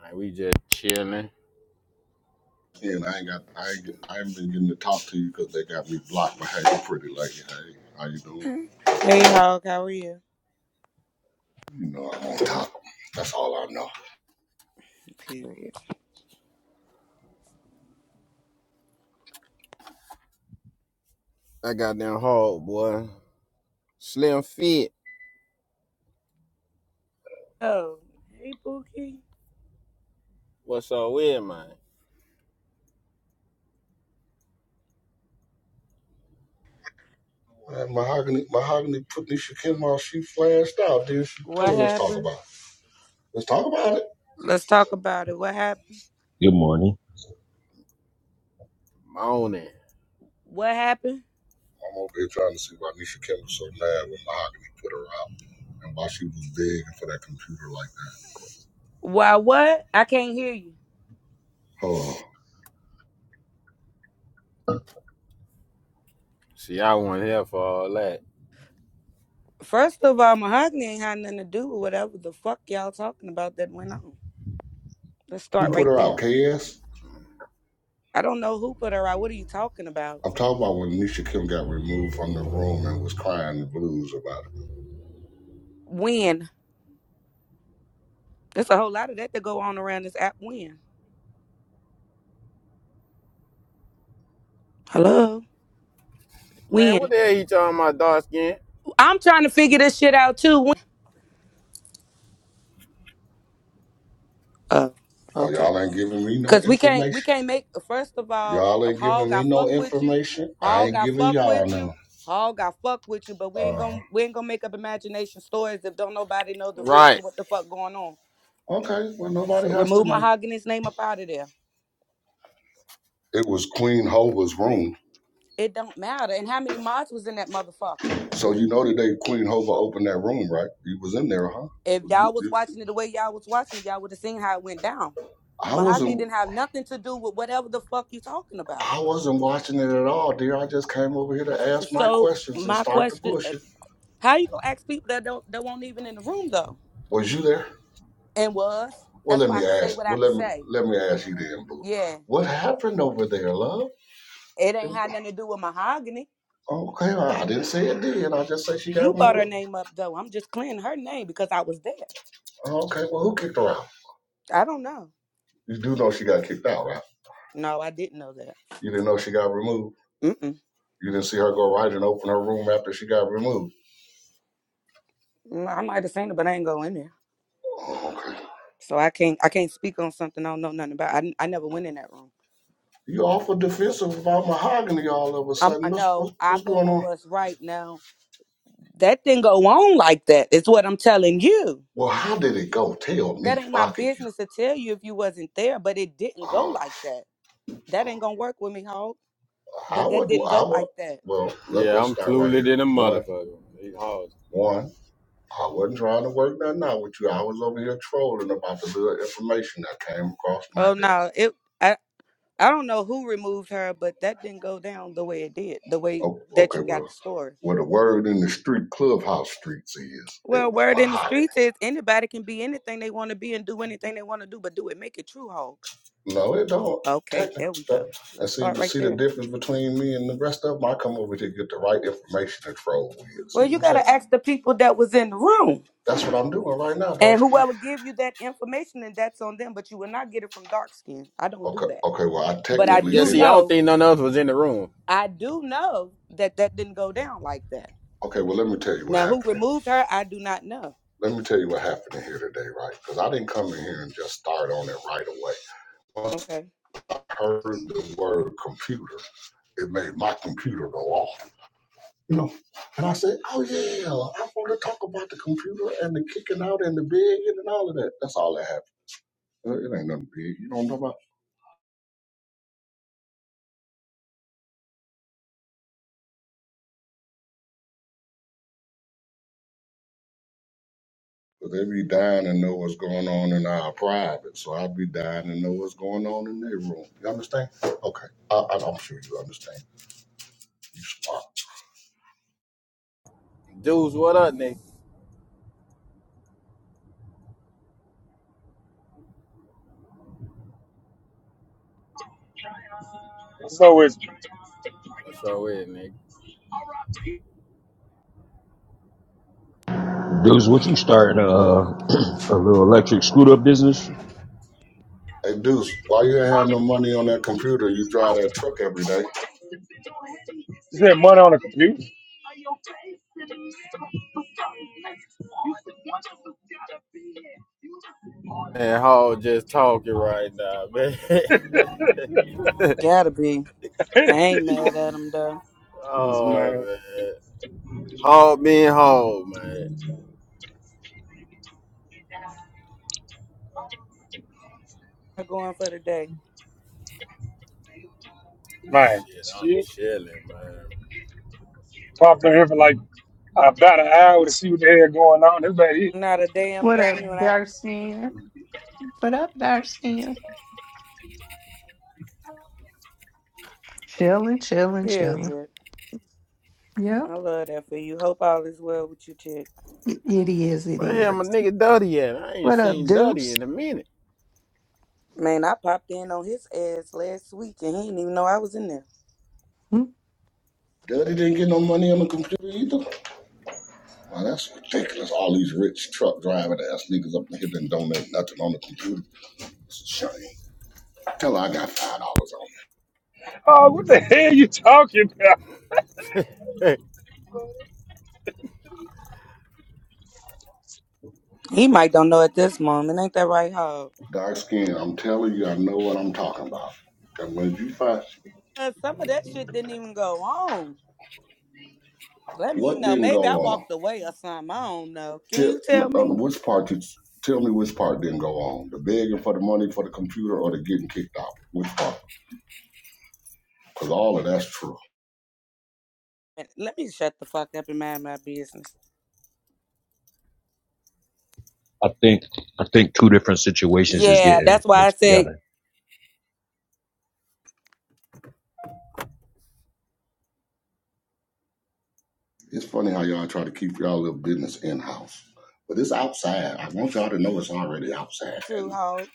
Speaker 2: Man, we just chilling.
Speaker 6: And I ain't got I ain't, get- I ain't been getting to talk to you because they got me blocked. But hey, you pretty lady. Hey, how you doing?
Speaker 7: Hey, Hog, how are you?
Speaker 6: You know I'm on top. That's all I know.
Speaker 7: Period.
Speaker 2: I got them hard, boy. Slim Fit.
Speaker 7: Oh, hey Pookie.
Speaker 2: What's up with, man?
Speaker 6: Man, mahogany, mahogany put this shit in while she flashed out. Then she
Speaker 7: What
Speaker 6: telling let's talk
Speaker 7: happened?
Speaker 6: about it. Let's talk about it.
Speaker 7: Let's talk about it. What happened?
Speaker 5: Good morning.
Speaker 2: Moaning.
Speaker 7: What happened?
Speaker 6: I'm over here trying to see why Nisha Kim was so mad when Mahogany put her out and why she was begging for that computer like
Speaker 7: Why what? I can't hear you.
Speaker 6: that. Hold
Speaker 2: See, I wasn't here for all that.
Speaker 7: First of all, Mahogany ain't had nothing to do with whatever the fuck y'all talking about that went on. Let's start
Speaker 6: Who put
Speaker 7: right
Speaker 6: her out?
Speaker 7: there.
Speaker 6: KS?
Speaker 7: I don't know who put her out. What are you talking about?
Speaker 6: I'm talking about when Nisha Kim got removed from the room and was crying the blues about it.
Speaker 7: When? There's a whole lot of that to go on around this app. When? Hello?
Speaker 2: Man,
Speaker 7: When?
Speaker 2: what the hell you talking about, dark Skin?
Speaker 7: I'm trying to figure this shit out too. When- Oh,
Speaker 6: Oh,
Speaker 7: okay.
Speaker 6: y'all ain't giving me no
Speaker 7: Cause we can't we
Speaker 6: information.
Speaker 7: can't make first of all, Ho-
Speaker 6: Y'all ain't
Speaker 7: Hog
Speaker 6: giving me
Speaker 7: got
Speaker 6: no
Speaker 7: fuck with you,
Speaker 6: information. I
Speaker 7: Hog
Speaker 6: ain't
Speaker 7: got
Speaker 6: giving
Speaker 7: fuck
Speaker 6: y'all
Speaker 7: with you,
Speaker 6: none.
Speaker 7: Hog got fuck with you, but we ain't
Speaker 6: Uh,
Speaker 7: gonna we ain't gonna make up imagination stories if don't nobody know the real to
Speaker 2: Right.
Speaker 7: what the fuck going on.
Speaker 6: okay, well, nobody
Speaker 7: So
Speaker 6: has to
Speaker 7: remove
Speaker 6: know.
Speaker 7: Mahogany's name up out of there.
Speaker 6: It was Queen Hova's room.
Speaker 7: It don't matter. And how many mods was in that motherfucker?
Speaker 6: So you know the day Queen Hova opened that room, right? You was in there, huh?
Speaker 7: If
Speaker 6: So You-
Speaker 7: y'all was
Speaker 6: you-
Speaker 7: watching it the way y'all was watching, it, y'all would have seen how it went down.
Speaker 6: I
Speaker 7: Mahogany
Speaker 6: wasn't.
Speaker 7: didn't have nothing to do with whatever the fuck you talking about.
Speaker 6: I wasn't watching it at all, dear. I just came over here to ask my
Speaker 7: So
Speaker 6: questions and
Speaker 7: my
Speaker 6: start the
Speaker 7: question, eh,
Speaker 6: bullshit.
Speaker 7: how you gonna ask people that don't that won't even in the room though?
Speaker 6: Was you there?
Speaker 7: and was.
Speaker 6: Well,
Speaker 7: That's
Speaker 6: let
Speaker 7: why I
Speaker 6: me
Speaker 7: could say
Speaker 6: ask.
Speaker 7: what I
Speaker 6: Well,
Speaker 7: could
Speaker 6: let me
Speaker 7: say.
Speaker 6: let me ask you then, boo.
Speaker 7: Yeah,
Speaker 6: What happened over there, love?
Speaker 7: it ain't
Speaker 6: It-
Speaker 7: had nothing to do with mahogany.
Speaker 6: okay, I I didn't say it did. I just say she
Speaker 7: You
Speaker 6: got
Speaker 7: brought her
Speaker 6: removed.
Speaker 7: name up though. I'm just clearing her name because I was there.
Speaker 6: Okay, well, who kicked her out?
Speaker 7: I don't know.
Speaker 6: You do know she got kicked out, right?
Speaker 7: No, I didn't know that.
Speaker 6: You didn't know she got removed.
Speaker 7: Mm-mm.
Speaker 6: You didn't see her go right and open her room after she got removed.
Speaker 7: Mm, I might have seen it, but I ain't go in there.
Speaker 6: Oh, okay.
Speaker 7: So I can't. I can't speak on something I don't know nothing about. I, I never went in that room.
Speaker 6: You awful defensive about mahogany all of a
Speaker 7: Um, I
Speaker 6: sudden. What's,
Speaker 7: know.
Speaker 6: what's,
Speaker 7: I
Speaker 6: what's
Speaker 7: go
Speaker 6: going
Speaker 7: with
Speaker 6: on?
Speaker 7: what's right now. That didn't go on like that. It's what I'm telling you.
Speaker 6: Well, how did it go? Tell me,
Speaker 7: That
Speaker 6: if
Speaker 7: ain't my
Speaker 6: I could.
Speaker 7: business to tell you if you wasn't there. But it didn't go
Speaker 6: Uh,
Speaker 7: like that. That ain't gonna work with me, ho.
Speaker 6: I
Speaker 7: But that
Speaker 6: wouldn't.
Speaker 7: didn't
Speaker 6: I
Speaker 7: go
Speaker 6: would.
Speaker 7: like that.
Speaker 6: Well, let,
Speaker 2: Yeah,
Speaker 6: let's
Speaker 2: I'm
Speaker 6: start right
Speaker 2: clueless
Speaker 6: here.
Speaker 2: in a
Speaker 6: One,
Speaker 2: motherfucker. He hard.
Speaker 6: one. I wasn't trying to work nothing out with you. I was over here trolling about the little information that came across my
Speaker 7: Oh
Speaker 6: desk.
Speaker 7: no, it I I don't know who removed her, but that didn't go down the way it did, the way
Speaker 6: Oh,
Speaker 7: that
Speaker 6: okay.
Speaker 7: you got
Speaker 6: Well,
Speaker 7: the story.
Speaker 6: what a word in the street, clubhouse streets is. It
Speaker 7: Well,
Speaker 6: was
Speaker 7: word in the
Speaker 6: mahogany.
Speaker 7: streets is anybody can be anything they want to be and do anything they want to do, but do it. Make it true, Hulk.
Speaker 6: No, it don't.
Speaker 7: Okay,
Speaker 6: Technical
Speaker 7: there we
Speaker 6: stuff.
Speaker 7: go.
Speaker 6: And
Speaker 7: Let's
Speaker 6: see
Speaker 7: start
Speaker 6: to
Speaker 7: right
Speaker 6: see the
Speaker 7: there.
Speaker 6: difference between me and the rest of them, I come over here to get the right information to troll with. See
Speaker 7: Well,
Speaker 6: what
Speaker 7: you
Speaker 6: I'm saying?
Speaker 7: gotta ask the people that was in the room.
Speaker 6: That's what I'm doing right now,
Speaker 7: And
Speaker 6: dog.
Speaker 7: whoever give you that information and that's on them, but you will not get it from dark skin. I don't do
Speaker 6: Okay,
Speaker 7: that.
Speaker 6: okay. Well, I
Speaker 7: But I
Speaker 6: technically
Speaker 2: Yeah,
Speaker 7: do
Speaker 2: see,
Speaker 6: didn't.
Speaker 2: I don't
Speaker 7: know
Speaker 2: think none of us was in the room.
Speaker 7: I do know that that didn't go down like that.
Speaker 6: Okay, well, let me tell you what
Speaker 7: Now, who
Speaker 6: happened. then.
Speaker 7: removed her, I do not know.
Speaker 6: Let me tell you what happened in here today, right? Because I didn't come in here and just start on it right away. Once
Speaker 7: Okay.
Speaker 6: I heard the word computer, it made my computer go off. You know, and I said, "Oh yeah, I want to talk about the computer and the kicking out and the begging and all of that." That's all that happened. Uh, It ain't nothing big. You know don't know about. But they be dying to know what's going on in our private, so I be dying to know what's going on in their room. You understand? Okay, I, I, I'm sure you understand. Uh,
Speaker 2: Dudes, what up, nigga?
Speaker 8: So it's you
Speaker 2: What's up with, nigga?
Speaker 5: Deuce, what you starting uh, (clears throat) a little electric scooter business?
Speaker 6: Hey Deuce, why you ain't had no money on that computer? You drive that truck every day.
Speaker 8: said money on the computer?
Speaker 2: Man, Hall just talking right now, man. (laughs)
Speaker 7: Gotta be. I ain't mad at him, though.
Speaker 8: This
Speaker 2: oh,
Speaker 8: Man,
Speaker 2: man. Hog being hog, man.
Speaker 7: I'm going for the day.
Speaker 8: man,
Speaker 2: Shit, I'm
Speaker 8: shit.
Speaker 2: chilling, man.
Speaker 8: Popped in here for like about an hour to see what the hell going on. Everybody, here,
Speaker 7: Not a damn
Speaker 4: What up,
Speaker 7: thing when I,
Speaker 4: Darcy? What up, Darcy? Chilling, chilling, chilling.
Speaker 7: period.
Speaker 4: Yep.
Speaker 7: I love that for you. Hope all is well with you, chick.
Speaker 4: It it is, it
Speaker 2: Where the hell my
Speaker 4: is.
Speaker 2: nigga Duddy at? I ain't
Speaker 4: What up,
Speaker 2: seen Duddy
Speaker 4: Deuce?
Speaker 2: in a minute. (laughs)
Speaker 7: Man, I popped in on his ass last week and he didn't even know I was in there.
Speaker 4: Hmm?
Speaker 6: Daddy didn't get no money on the computer either. Wow, that's ridiculous. All these rich truck driving ass niggas up here didn't donate nothing on the computer. It's a shame. Tell her I got five dollars on
Speaker 8: oh, what the hell you talking about?
Speaker 2: Hey,
Speaker 7: He might don't know at this moment. Ain't that right, Hog?
Speaker 6: it. Dark skin, I'm telling you, I know what I'm talking about. And when you find
Speaker 7: Uh, some of that shit didn't even go on. Let me
Speaker 6: What
Speaker 7: know.
Speaker 6: didn't
Speaker 7: Maybe I
Speaker 6: go on?
Speaker 7: walked away or something. I don't know. Can
Speaker 6: Tell
Speaker 7: you tell me?
Speaker 6: um, which part did tell me which part didn't go on? The begging for the money for the computer or the getting kicked out? Which part? Because all of that's true.
Speaker 7: Let me shut the fuck up and mind my business.
Speaker 5: I think I think two different situations is
Speaker 7: Yeah,
Speaker 5: getting
Speaker 7: that's why I
Speaker 5: mixed
Speaker 7: said
Speaker 5: together.
Speaker 6: It's funny how y'all try to keep y'all little business in house, but it's outside. I want y'all to know it's already outside,
Speaker 7: you too,
Speaker 6: and
Speaker 7: hoe.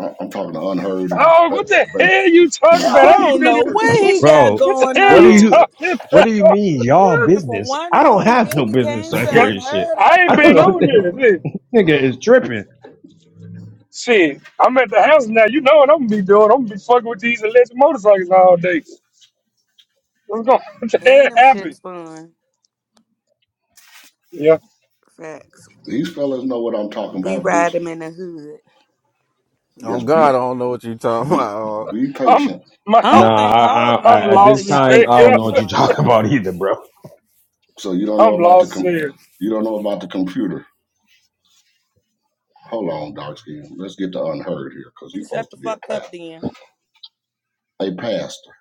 Speaker 6: I- I'm talking to unheard and
Speaker 8: Oh,
Speaker 6: ba-
Speaker 8: what the
Speaker 6: baby.
Speaker 8: hell you
Speaker 7: Yo,
Speaker 8: talking about? I
Speaker 7: I
Speaker 6: (laughs)
Speaker 8: ain't
Speaker 7: don't
Speaker 8: been
Speaker 7: know
Speaker 8: here.
Speaker 7: what he
Speaker 8: What's
Speaker 7: got
Speaker 5: Bro,
Speaker 8: what the
Speaker 7: going
Speaker 8: hell
Speaker 5: what do
Speaker 8: you
Speaker 7: on.
Speaker 5: you
Speaker 8: talking
Speaker 5: what
Speaker 8: about?
Speaker 5: do
Speaker 8: (laughs)
Speaker 5: you mean y'all
Speaker 7: From
Speaker 5: business?
Speaker 7: one
Speaker 5: I don't
Speaker 7: room and
Speaker 5: have no
Speaker 7: then he
Speaker 5: business
Speaker 7: came to
Speaker 5: on here
Speaker 8: Cause
Speaker 5: and shit.
Speaker 7: unheard
Speaker 8: I
Speaker 7: of.
Speaker 8: ain't
Speaker 5: I don't
Speaker 8: been
Speaker 5: know what
Speaker 8: on
Speaker 5: the
Speaker 8: here. Shit,
Speaker 5: (laughs) nigga is tripping.
Speaker 8: Shit, I'm at the house now. You know what I'm gonna be doing? I'm gonna be fucking with these electric motorcycles all day. What's going on? (laughs)
Speaker 7: And
Speaker 8: That
Speaker 7: them
Speaker 8: happened.
Speaker 7: shits fun.
Speaker 8: Yeah.
Speaker 7: Facts.
Speaker 6: These fellas know what I'm talking
Speaker 7: We
Speaker 6: about, Deuce.
Speaker 7: ride him in the hood.
Speaker 2: oh
Speaker 6: Just
Speaker 2: God, I
Speaker 6: be
Speaker 2: don't know what you talking
Speaker 6: be
Speaker 2: about.
Speaker 6: be patient.
Speaker 8: I'm my
Speaker 7: I
Speaker 5: Nah,
Speaker 7: don't
Speaker 8: I'm,
Speaker 7: think
Speaker 5: I, I,
Speaker 7: Hog
Speaker 8: I'm
Speaker 7: know
Speaker 5: I, at
Speaker 7: either,
Speaker 5: this
Speaker 8: lost as
Speaker 7: y'all,
Speaker 8: hell.
Speaker 5: time
Speaker 8: (laughs)
Speaker 7: at
Speaker 5: I
Speaker 7: this
Speaker 5: don't
Speaker 8: Yeah.
Speaker 5: know what you (laughs)
Speaker 7: point.
Speaker 5: talking about either, bro.
Speaker 6: So you don't know
Speaker 8: I'm
Speaker 6: about the
Speaker 8: lost as
Speaker 6: com-
Speaker 8: hell.
Speaker 6: you don't know about the computer Hold on, dark skin. Let's get to unheard here, cause
Speaker 7: He
Speaker 6: he's
Speaker 7: can shut
Speaker 6: supposed
Speaker 7: the
Speaker 6: to be a
Speaker 7: fuck up
Speaker 6: pastor.
Speaker 7: then.
Speaker 6: Hey, pastor,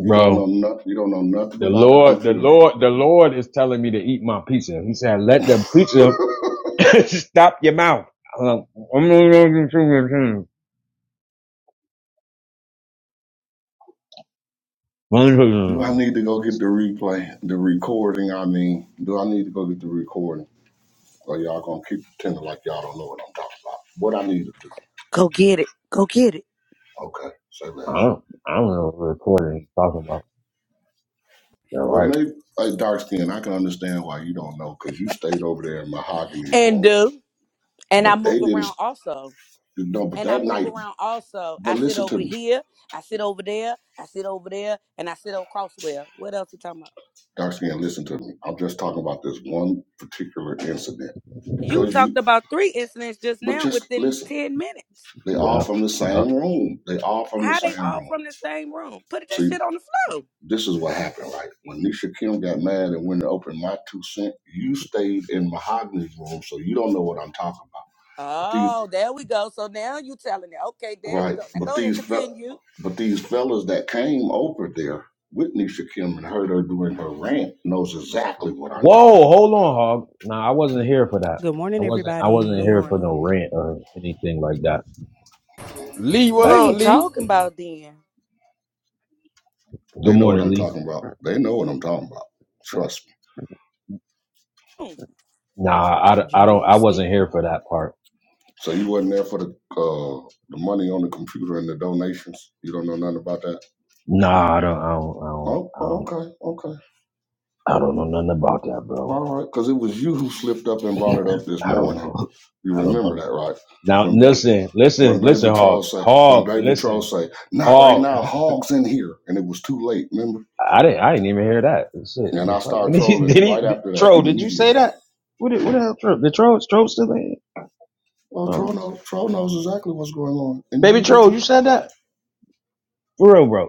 Speaker 6: you don't know nothing. You don't know nothing
Speaker 5: The
Speaker 6: about the
Speaker 5: Lord, the
Speaker 6: computer.
Speaker 5: Lord, the Lord is telling me to eat my pizza. He said, let the pizza
Speaker 6: (laughs)
Speaker 5: (laughs) stop your mouth. I'm like, (laughs) i
Speaker 6: Do I need to go get the replay, the recording? I mean, do I need to go get the recording? Or y'all gonna keep pretending like y'all don't know what I'm talking about? What I need to do?
Speaker 7: Go get it. Go get it.
Speaker 6: Okay, say less.
Speaker 5: don't, I don't know what recording he's talking about. Yeah,
Speaker 6: Well,
Speaker 5: right.
Speaker 6: maybe hey, dark skin. I can understand why you don't know, cause you stayed over there in mahogany
Speaker 7: And
Speaker 6: room,
Speaker 7: do. And I
Speaker 6: but they
Speaker 7: move
Speaker 6: didn't.
Speaker 7: around also.
Speaker 6: No, but
Speaker 7: and I
Speaker 6: that
Speaker 7: move
Speaker 6: night.
Speaker 7: around also.
Speaker 6: But
Speaker 7: I sit
Speaker 6: listen to
Speaker 7: over
Speaker 6: me.
Speaker 7: here, I sit over there, I sit over there, and I sit over Crosswell. What else we talking about?
Speaker 6: Dr. Ian, listen to me. I'm just talking about this one particular incident
Speaker 7: You
Speaker 6: because
Speaker 7: talked
Speaker 6: you,
Speaker 7: about three incidents just
Speaker 6: but
Speaker 7: now
Speaker 6: just
Speaker 7: within
Speaker 6: listen.
Speaker 7: ten minutes.
Speaker 6: They all
Speaker 5: Yeah.
Speaker 6: from the
Speaker 5: Yeah.
Speaker 6: same room. They all from the
Speaker 7: How they
Speaker 6: same
Speaker 7: all
Speaker 6: room.
Speaker 7: from the same room? Put that
Speaker 6: See,
Speaker 7: shit on the floor.
Speaker 6: this is what happened, right? When Nisha Kim got mad and went to open my two cent, you stayed in Mahogany's room, so you don't know what I'm talking about. But these,
Speaker 7: Oh, there we go. So now you telling it. Okay, there you go.
Speaker 6: right?
Speaker 7: Now
Speaker 6: But
Speaker 7: go ahead,
Speaker 6: these, fel-
Speaker 7: continue.
Speaker 6: but these fellas that came over there with Nisha Kim and heard her doing her rant knows exactly what I'm talking about.
Speaker 5: Whoa, hold on, Hog. Nah, I wasn't here for that.
Speaker 9: Good
Speaker 5: I
Speaker 9: morning,
Speaker 5: wasn't, I wasn't
Speaker 7: Good
Speaker 5: here for
Speaker 9: everybody.
Speaker 7: morning.
Speaker 5: no rant or anything like that.
Speaker 2: Uh, Lee, what
Speaker 7: What
Speaker 5: Like,
Speaker 2: up,
Speaker 7: he
Speaker 2: Lee?
Speaker 7: talking about then?
Speaker 5: good
Speaker 6: They know what
Speaker 5: morning,
Speaker 6: I'm
Speaker 5: Lee.
Speaker 6: talking about. They know what I'm talking about. Trust me.
Speaker 7: Hmm.
Speaker 5: Nah, I, don't- I don't,
Speaker 9: GA
Speaker 5: I
Speaker 9: Ski.
Speaker 5: wasn't here for that part.
Speaker 6: So you wasn't there for the uh, the money on the computer and the donations. You don't know nothing about that.
Speaker 5: Nah, I don't, I don't, I don't,
Speaker 6: Oh,
Speaker 5: I
Speaker 6: oh,
Speaker 5: don't,
Speaker 6: okay, okay,
Speaker 5: I don't know nothing about that,
Speaker 6: all
Speaker 5: bro.
Speaker 6: right. Because it was you who slipped up and brought it up this
Speaker 5: I don't
Speaker 6: morning.
Speaker 5: know.
Speaker 6: You
Speaker 5: (laughs) I don't know
Speaker 6: remember that,
Speaker 5: that.
Speaker 6: right?
Speaker 5: Now
Speaker 6: When baby,
Speaker 5: listen,
Speaker 6: when
Speaker 5: listen, listen,
Speaker 6: baby troll
Speaker 5: Hog,
Speaker 6: say, when
Speaker 5: Hog,
Speaker 6: baby troll
Speaker 5: listen,
Speaker 6: say, not right
Speaker 5: Hog.
Speaker 6: now,
Speaker 5: (laughs)
Speaker 6: hogs in here, and it was too late. Remember?
Speaker 5: I didn't, I didn't even hear that. Shit,
Speaker 6: And I
Speaker 5: the fuck? When
Speaker 6: started
Speaker 5: did he, (laughs) did
Speaker 6: trolling
Speaker 5: he
Speaker 6: right
Speaker 5: did,
Speaker 6: after that,
Speaker 5: Troll? Did you
Speaker 6: immediately.
Speaker 5: say that? What, the- what the hell, Troll? The Troll, Troll still in?
Speaker 6: Well, troll
Speaker 5: Um,
Speaker 6: knows, troll knows exactly what's going on, and
Speaker 5: baby
Speaker 6: you do
Speaker 5: Troll,
Speaker 6: too.
Speaker 5: you said that for real, bro.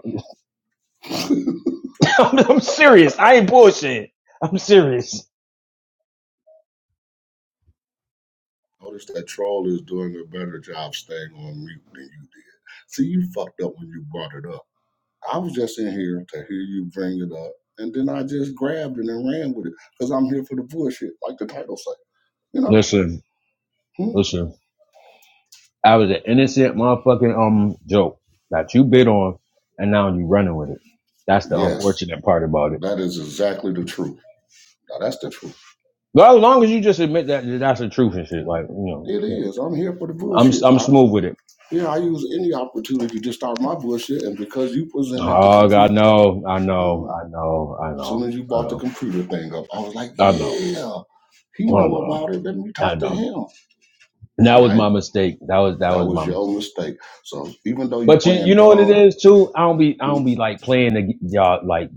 Speaker 5: (laughs) I'm, I'm serious. I ain't bullshit. I'm serious.
Speaker 6: Notice that troll is doing a better job staying on mute than you did. See, you fucked up when you brought it up. I was just in here to hear you bring it up, and then I just grabbed it and ran with it because I'm here for the bullshit, like the title say. You know?
Speaker 5: Listen,
Speaker 6: Hmm?
Speaker 5: listen. I was an innocent motherfucking um joke that you bit on, and now you running with it. That's the
Speaker 6: Yes,
Speaker 5: unfortunate part about it.
Speaker 6: that is exactly the truth. Now that's the truth.
Speaker 5: Well, as long as you just admit that that's the truth and shit, like you
Speaker 6: It
Speaker 5: know,
Speaker 6: is. I'm here for the
Speaker 5: I'm
Speaker 6: bullshit.
Speaker 5: I'm
Speaker 6: I
Speaker 5: smooth with it.
Speaker 6: yeah, I use any opportunity to start my bullshit, and because you presented the
Speaker 5: Oh
Speaker 6: computer.
Speaker 5: God, no, I know,
Speaker 6: hmm.
Speaker 5: I know, I know,
Speaker 6: soon as you
Speaker 5: I
Speaker 6: bought the
Speaker 5: know,
Speaker 6: computer thing up, I was like,
Speaker 5: I know,
Speaker 6: yeah, he
Speaker 5: I
Speaker 6: know
Speaker 5: know,
Speaker 6: about it. Let me
Speaker 5: I
Speaker 6: talk to
Speaker 5: know.
Speaker 6: him.
Speaker 5: And That
Speaker 6: And
Speaker 5: was
Speaker 6: I,
Speaker 5: my mistake. That was that
Speaker 6: that
Speaker 5: was
Speaker 6: was
Speaker 5: my
Speaker 6: your
Speaker 5: mistake.
Speaker 6: mistake. So even though you
Speaker 5: But you you
Speaker 6: playing
Speaker 5: know what it
Speaker 6: dumb,
Speaker 5: is too. I don't be I
Speaker 6: hmm,
Speaker 5: don't be like playing the y'all like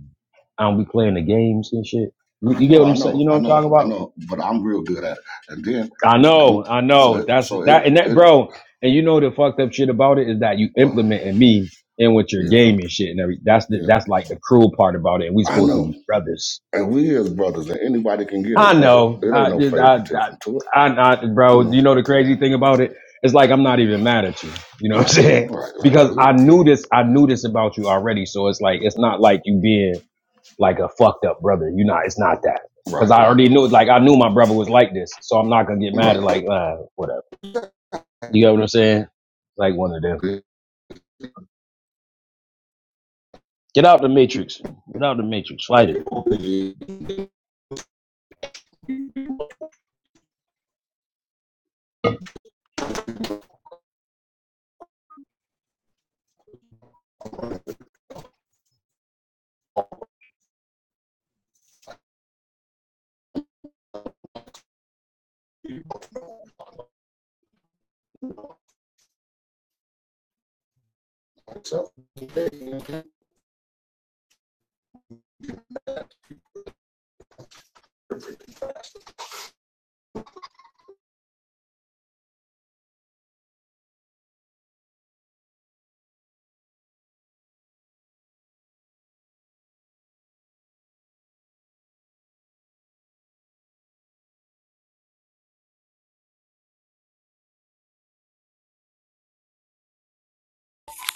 Speaker 5: I don't be playing the games and shit. You,
Speaker 6: I
Speaker 5: you get
Speaker 6: know,
Speaker 5: what
Speaker 6: I
Speaker 5: I'm saying?
Speaker 6: know,
Speaker 5: You know what
Speaker 6: I
Speaker 5: I'm
Speaker 6: know,
Speaker 5: talking
Speaker 6: I
Speaker 5: about?
Speaker 6: know, but I'm real good at it. And then,
Speaker 5: I know, I
Speaker 6: so
Speaker 5: know.
Speaker 6: it,
Speaker 5: That's
Speaker 6: so it,
Speaker 5: that, and that,
Speaker 6: it,
Speaker 5: bro. And you know the fucked up shit about it is that you
Speaker 6: well,
Speaker 5: implementing me in with your
Speaker 6: yeah,
Speaker 5: game and shit and every. That's the
Speaker 6: yeah,
Speaker 5: that's like the cruel part about it. And we
Speaker 6: I
Speaker 5: supposed to
Speaker 6: know.
Speaker 5: be brothers.
Speaker 6: And we as brothers, and anybody can get
Speaker 5: I
Speaker 6: it, brother.
Speaker 5: know.
Speaker 6: It ain't
Speaker 5: I,
Speaker 6: no
Speaker 5: I,
Speaker 6: favoritism to it,
Speaker 5: I, I, I
Speaker 6: you
Speaker 5: bro.
Speaker 6: know.
Speaker 5: You know the crazy thing about it? It's like I'm not even mad at you. You know what I'm
Speaker 6: Right,
Speaker 5: (laughs) saying?
Speaker 6: right, right,
Speaker 5: Because
Speaker 6: 'cause
Speaker 5: I
Speaker 6: it,
Speaker 5: knew this. I knew this about you already. So it's like it's not like you being like a fucked up brother. You're not. It's not that. Cause
Speaker 6: right,
Speaker 5: I already knew. Like I knew my brother was like this. So I'm not gonna get mad at
Speaker 6: right,
Speaker 5: like uh, whatever you got what I'm saying? Like one of them.
Speaker 6: right.
Speaker 5: Get out the matrix. Get out the matrix. Fight it.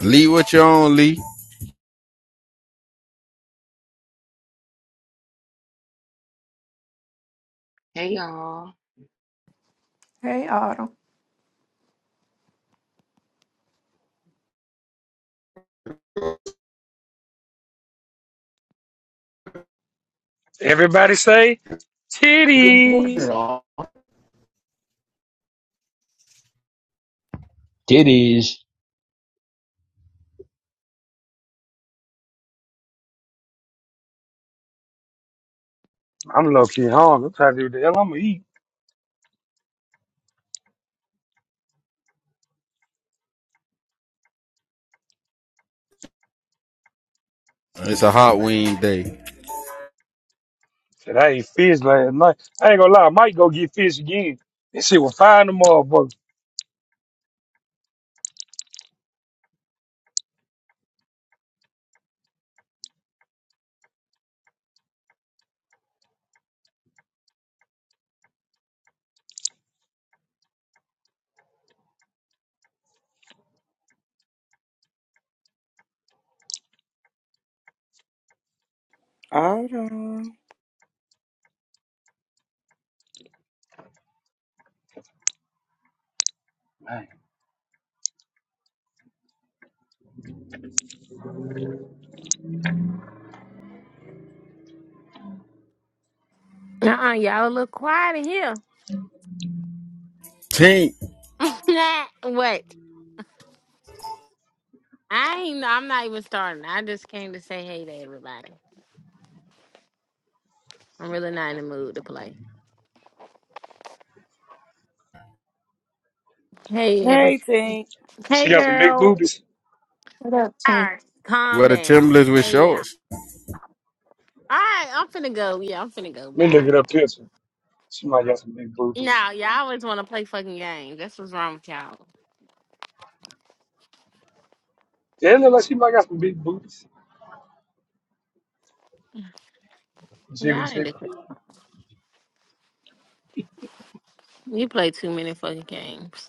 Speaker 2: Lee, what you on, Lee?
Speaker 10: Hey y'all.
Speaker 4: Hey, Autumn.
Speaker 8: Everybody say
Speaker 6: Good morning,
Speaker 8: titties.
Speaker 6: all.
Speaker 5: Titties.
Speaker 8: I'm low key hungry. I'm trying to do the hell I'm gonna eat.
Speaker 2: It's a hot wing day.
Speaker 8: Said I ate fish last night. I ain't gonna lie, I might go get fish again. This shit was fine tomorrow, but
Speaker 7: Hold on.
Speaker 3: Uh-uh, y'all look quiet in here.
Speaker 2: Tink,
Speaker 3: (laughs) Nah, what? I ain't, I'm not even starting. I just came to say hey to everybody. I'm really not in the mood to play. Hey, every,
Speaker 7: Hey, Tink.
Speaker 3: hey,
Speaker 8: she got some big
Speaker 3: girl. All
Speaker 8: boobies.
Speaker 4: What up, team?
Speaker 3: right, calm
Speaker 2: where the
Speaker 3: down.
Speaker 2: Timberlands with
Speaker 3: Hey, y'all.
Speaker 2: shorts?
Speaker 3: All right, I'm finna go. Yeah, I'm finna go.
Speaker 8: Let me look
Speaker 3: Bye.
Speaker 8: at her picture. She might got some big boobies.
Speaker 3: Now, y'all always want to play fucking games. That's what's wrong with y'all.
Speaker 8: Yeah, it look like she might got some big boobies. Jiggle
Speaker 3: Y'all need
Speaker 8: jiggle.
Speaker 3: to. You play too many fucking games.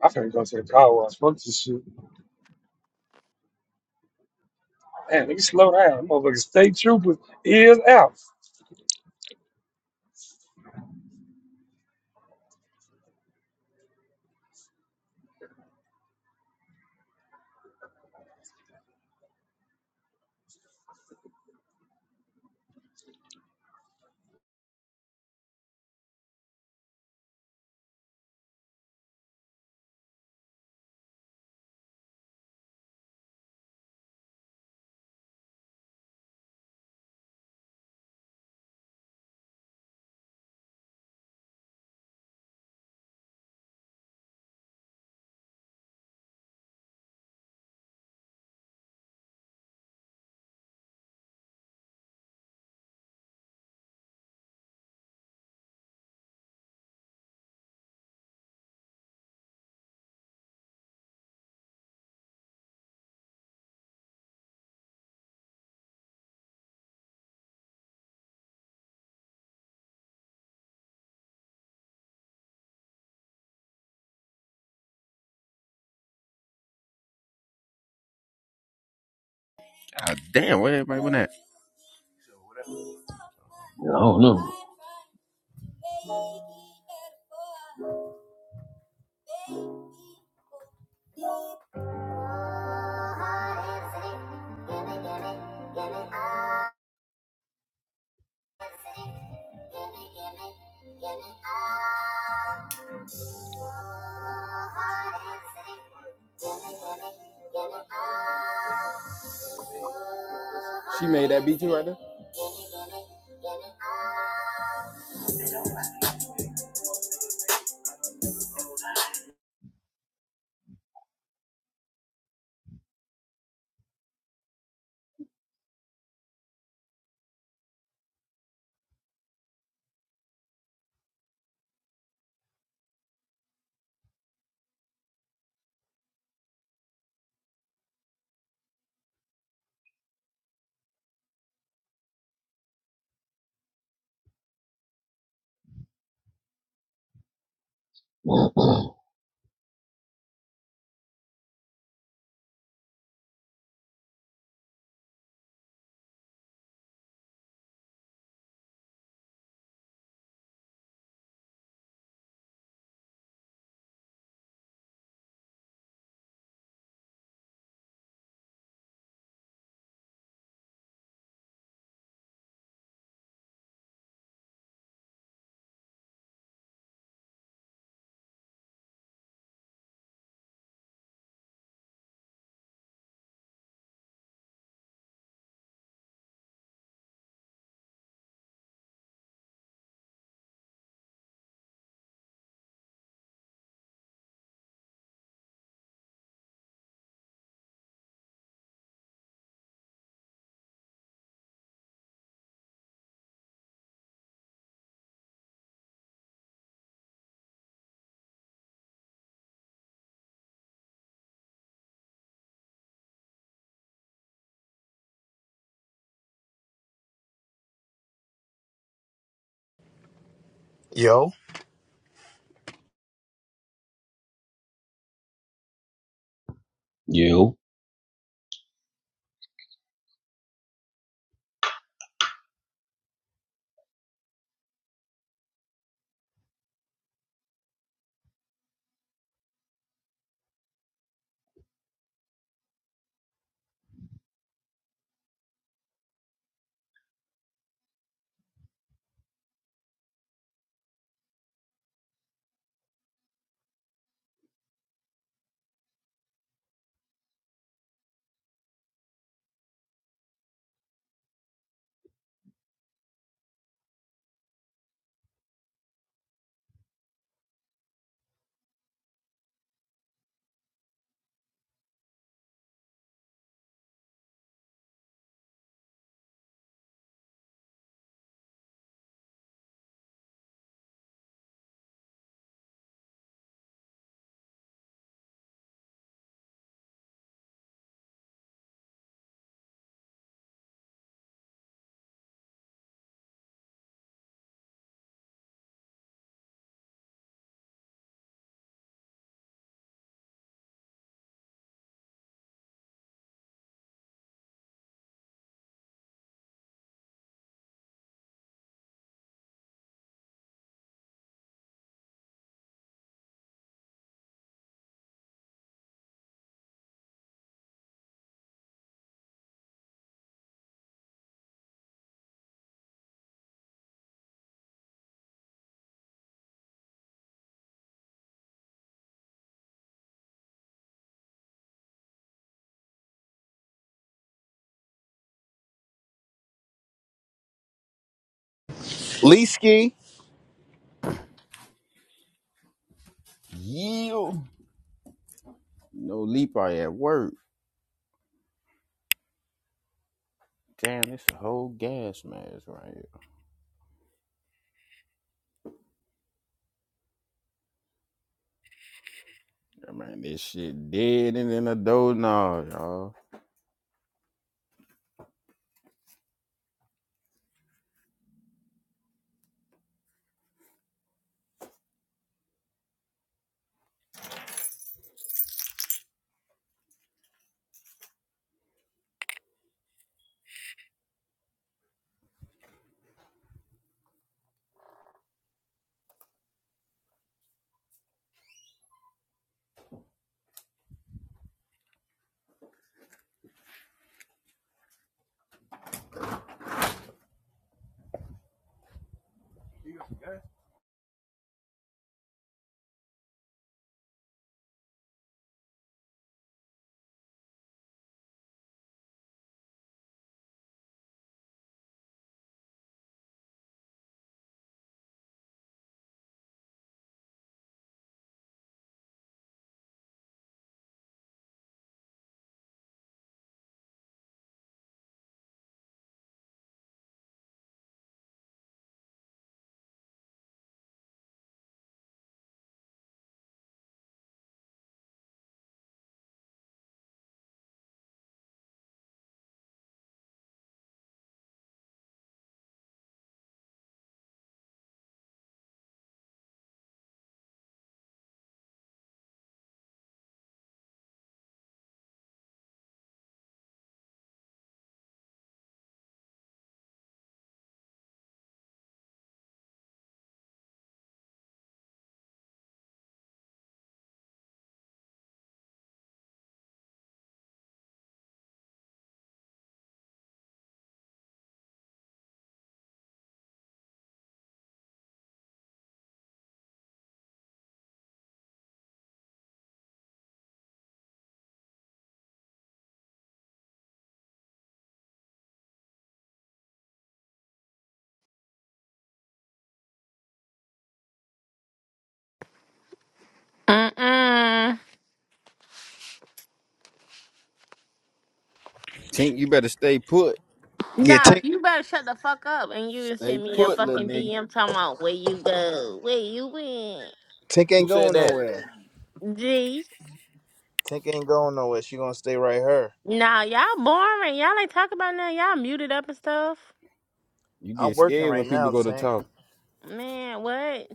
Speaker 8: I finna go to the car wash. Fuck this shit. Man, let me slow down. Motherfucker, state trooper is out.
Speaker 2: God damn, where everybody went at?
Speaker 5: I don't know.
Speaker 2: She made that beat you right there.
Speaker 5: (clears throat)
Speaker 1: Yo,
Speaker 5: you.
Speaker 1: Leesky.
Speaker 2: Yeah. No Lee probably at work. Damn, this a whole gas mask right Yeah, man, this shit dead and in a doughnut, y'all.
Speaker 3: Mm-mm.
Speaker 2: Tink, you better stay put.
Speaker 1: Yeah,
Speaker 3: Nah,
Speaker 1: Tink.
Speaker 3: you better shut the fuck up and you just
Speaker 2: Stay
Speaker 3: send me a
Speaker 2: put, little
Speaker 3: fucking
Speaker 2: nigga.
Speaker 3: DM talking about where you go, where you went.
Speaker 1: Tink
Speaker 2: Who
Speaker 1: ain't
Speaker 2: said
Speaker 1: going
Speaker 2: that?
Speaker 1: nowhere.
Speaker 3: G.
Speaker 1: Tink ain't going nowhere. She gonna stay right here.
Speaker 3: Nah, y'all boring. Y'all ain't talking about nothing. Y'all muted up and stuff.
Speaker 2: You
Speaker 1: I'm
Speaker 2: get
Speaker 1: working
Speaker 2: scared
Speaker 1: right
Speaker 2: when people
Speaker 1: now,
Speaker 2: go to
Speaker 1: Tank.
Speaker 2: talk.
Speaker 3: Man, what?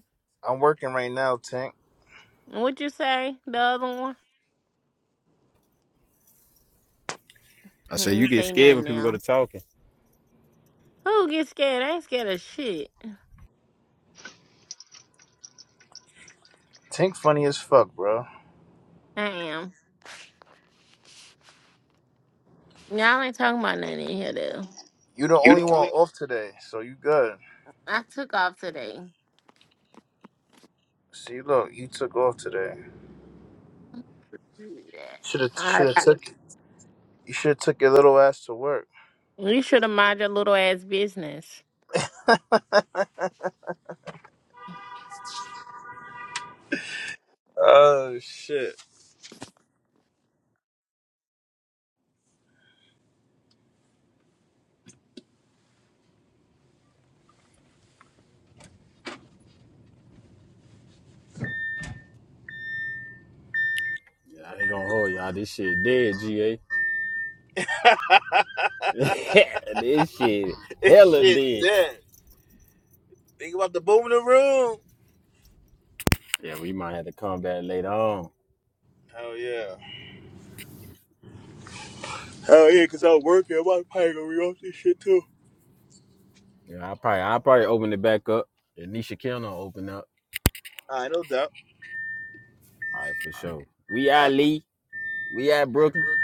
Speaker 1: I'm working right now, Tank.
Speaker 3: What you say? The other one?
Speaker 2: I
Speaker 3: He
Speaker 2: say you
Speaker 3: ain't
Speaker 2: get
Speaker 3: say
Speaker 2: scared
Speaker 3: nothing
Speaker 2: when people go
Speaker 3: now.
Speaker 2: to talking.
Speaker 3: Who gets scared? I ain't scared of shit.
Speaker 1: Tank funny as fuck, bro.
Speaker 3: I am. Y'all ain't talking about nothing in here, though.
Speaker 1: You the
Speaker 3: You
Speaker 1: only
Speaker 3: the
Speaker 1: one
Speaker 3: only
Speaker 1: off today, so you good.
Speaker 3: I took off today.
Speaker 1: See, look, you took off today.
Speaker 3: Yeah.
Speaker 1: Should have,
Speaker 3: I,
Speaker 1: should have
Speaker 3: I-
Speaker 1: took. You should have took your little ass to work.
Speaker 3: you should have mind your little ass business.
Speaker 1: Oh shit!
Speaker 2: Yeah, I ain't gonna hold y'all. This shit dead, GA.
Speaker 1: (laughs)
Speaker 2: (laughs) this shit
Speaker 1: this
Speaker 2: hella
Speaker 1: shit
Speaker 2: dead.
Speaker 1: dead. Think about the boom in the room.
Speaker 2: Yeah, we might have to come back later on.
Speaker 1: Hell yeah. Hell yeah, cause I was working. I'm probably gonna reoff this shit too.
Speaker 2: Yeah, I probably I probably open it back up. If Nisha Kelly open up.
Speaker 1: I no doubt.
Speaker 2: All right, for sure. We out Lee. We out Brooklyn.
Speaker 1: Uh,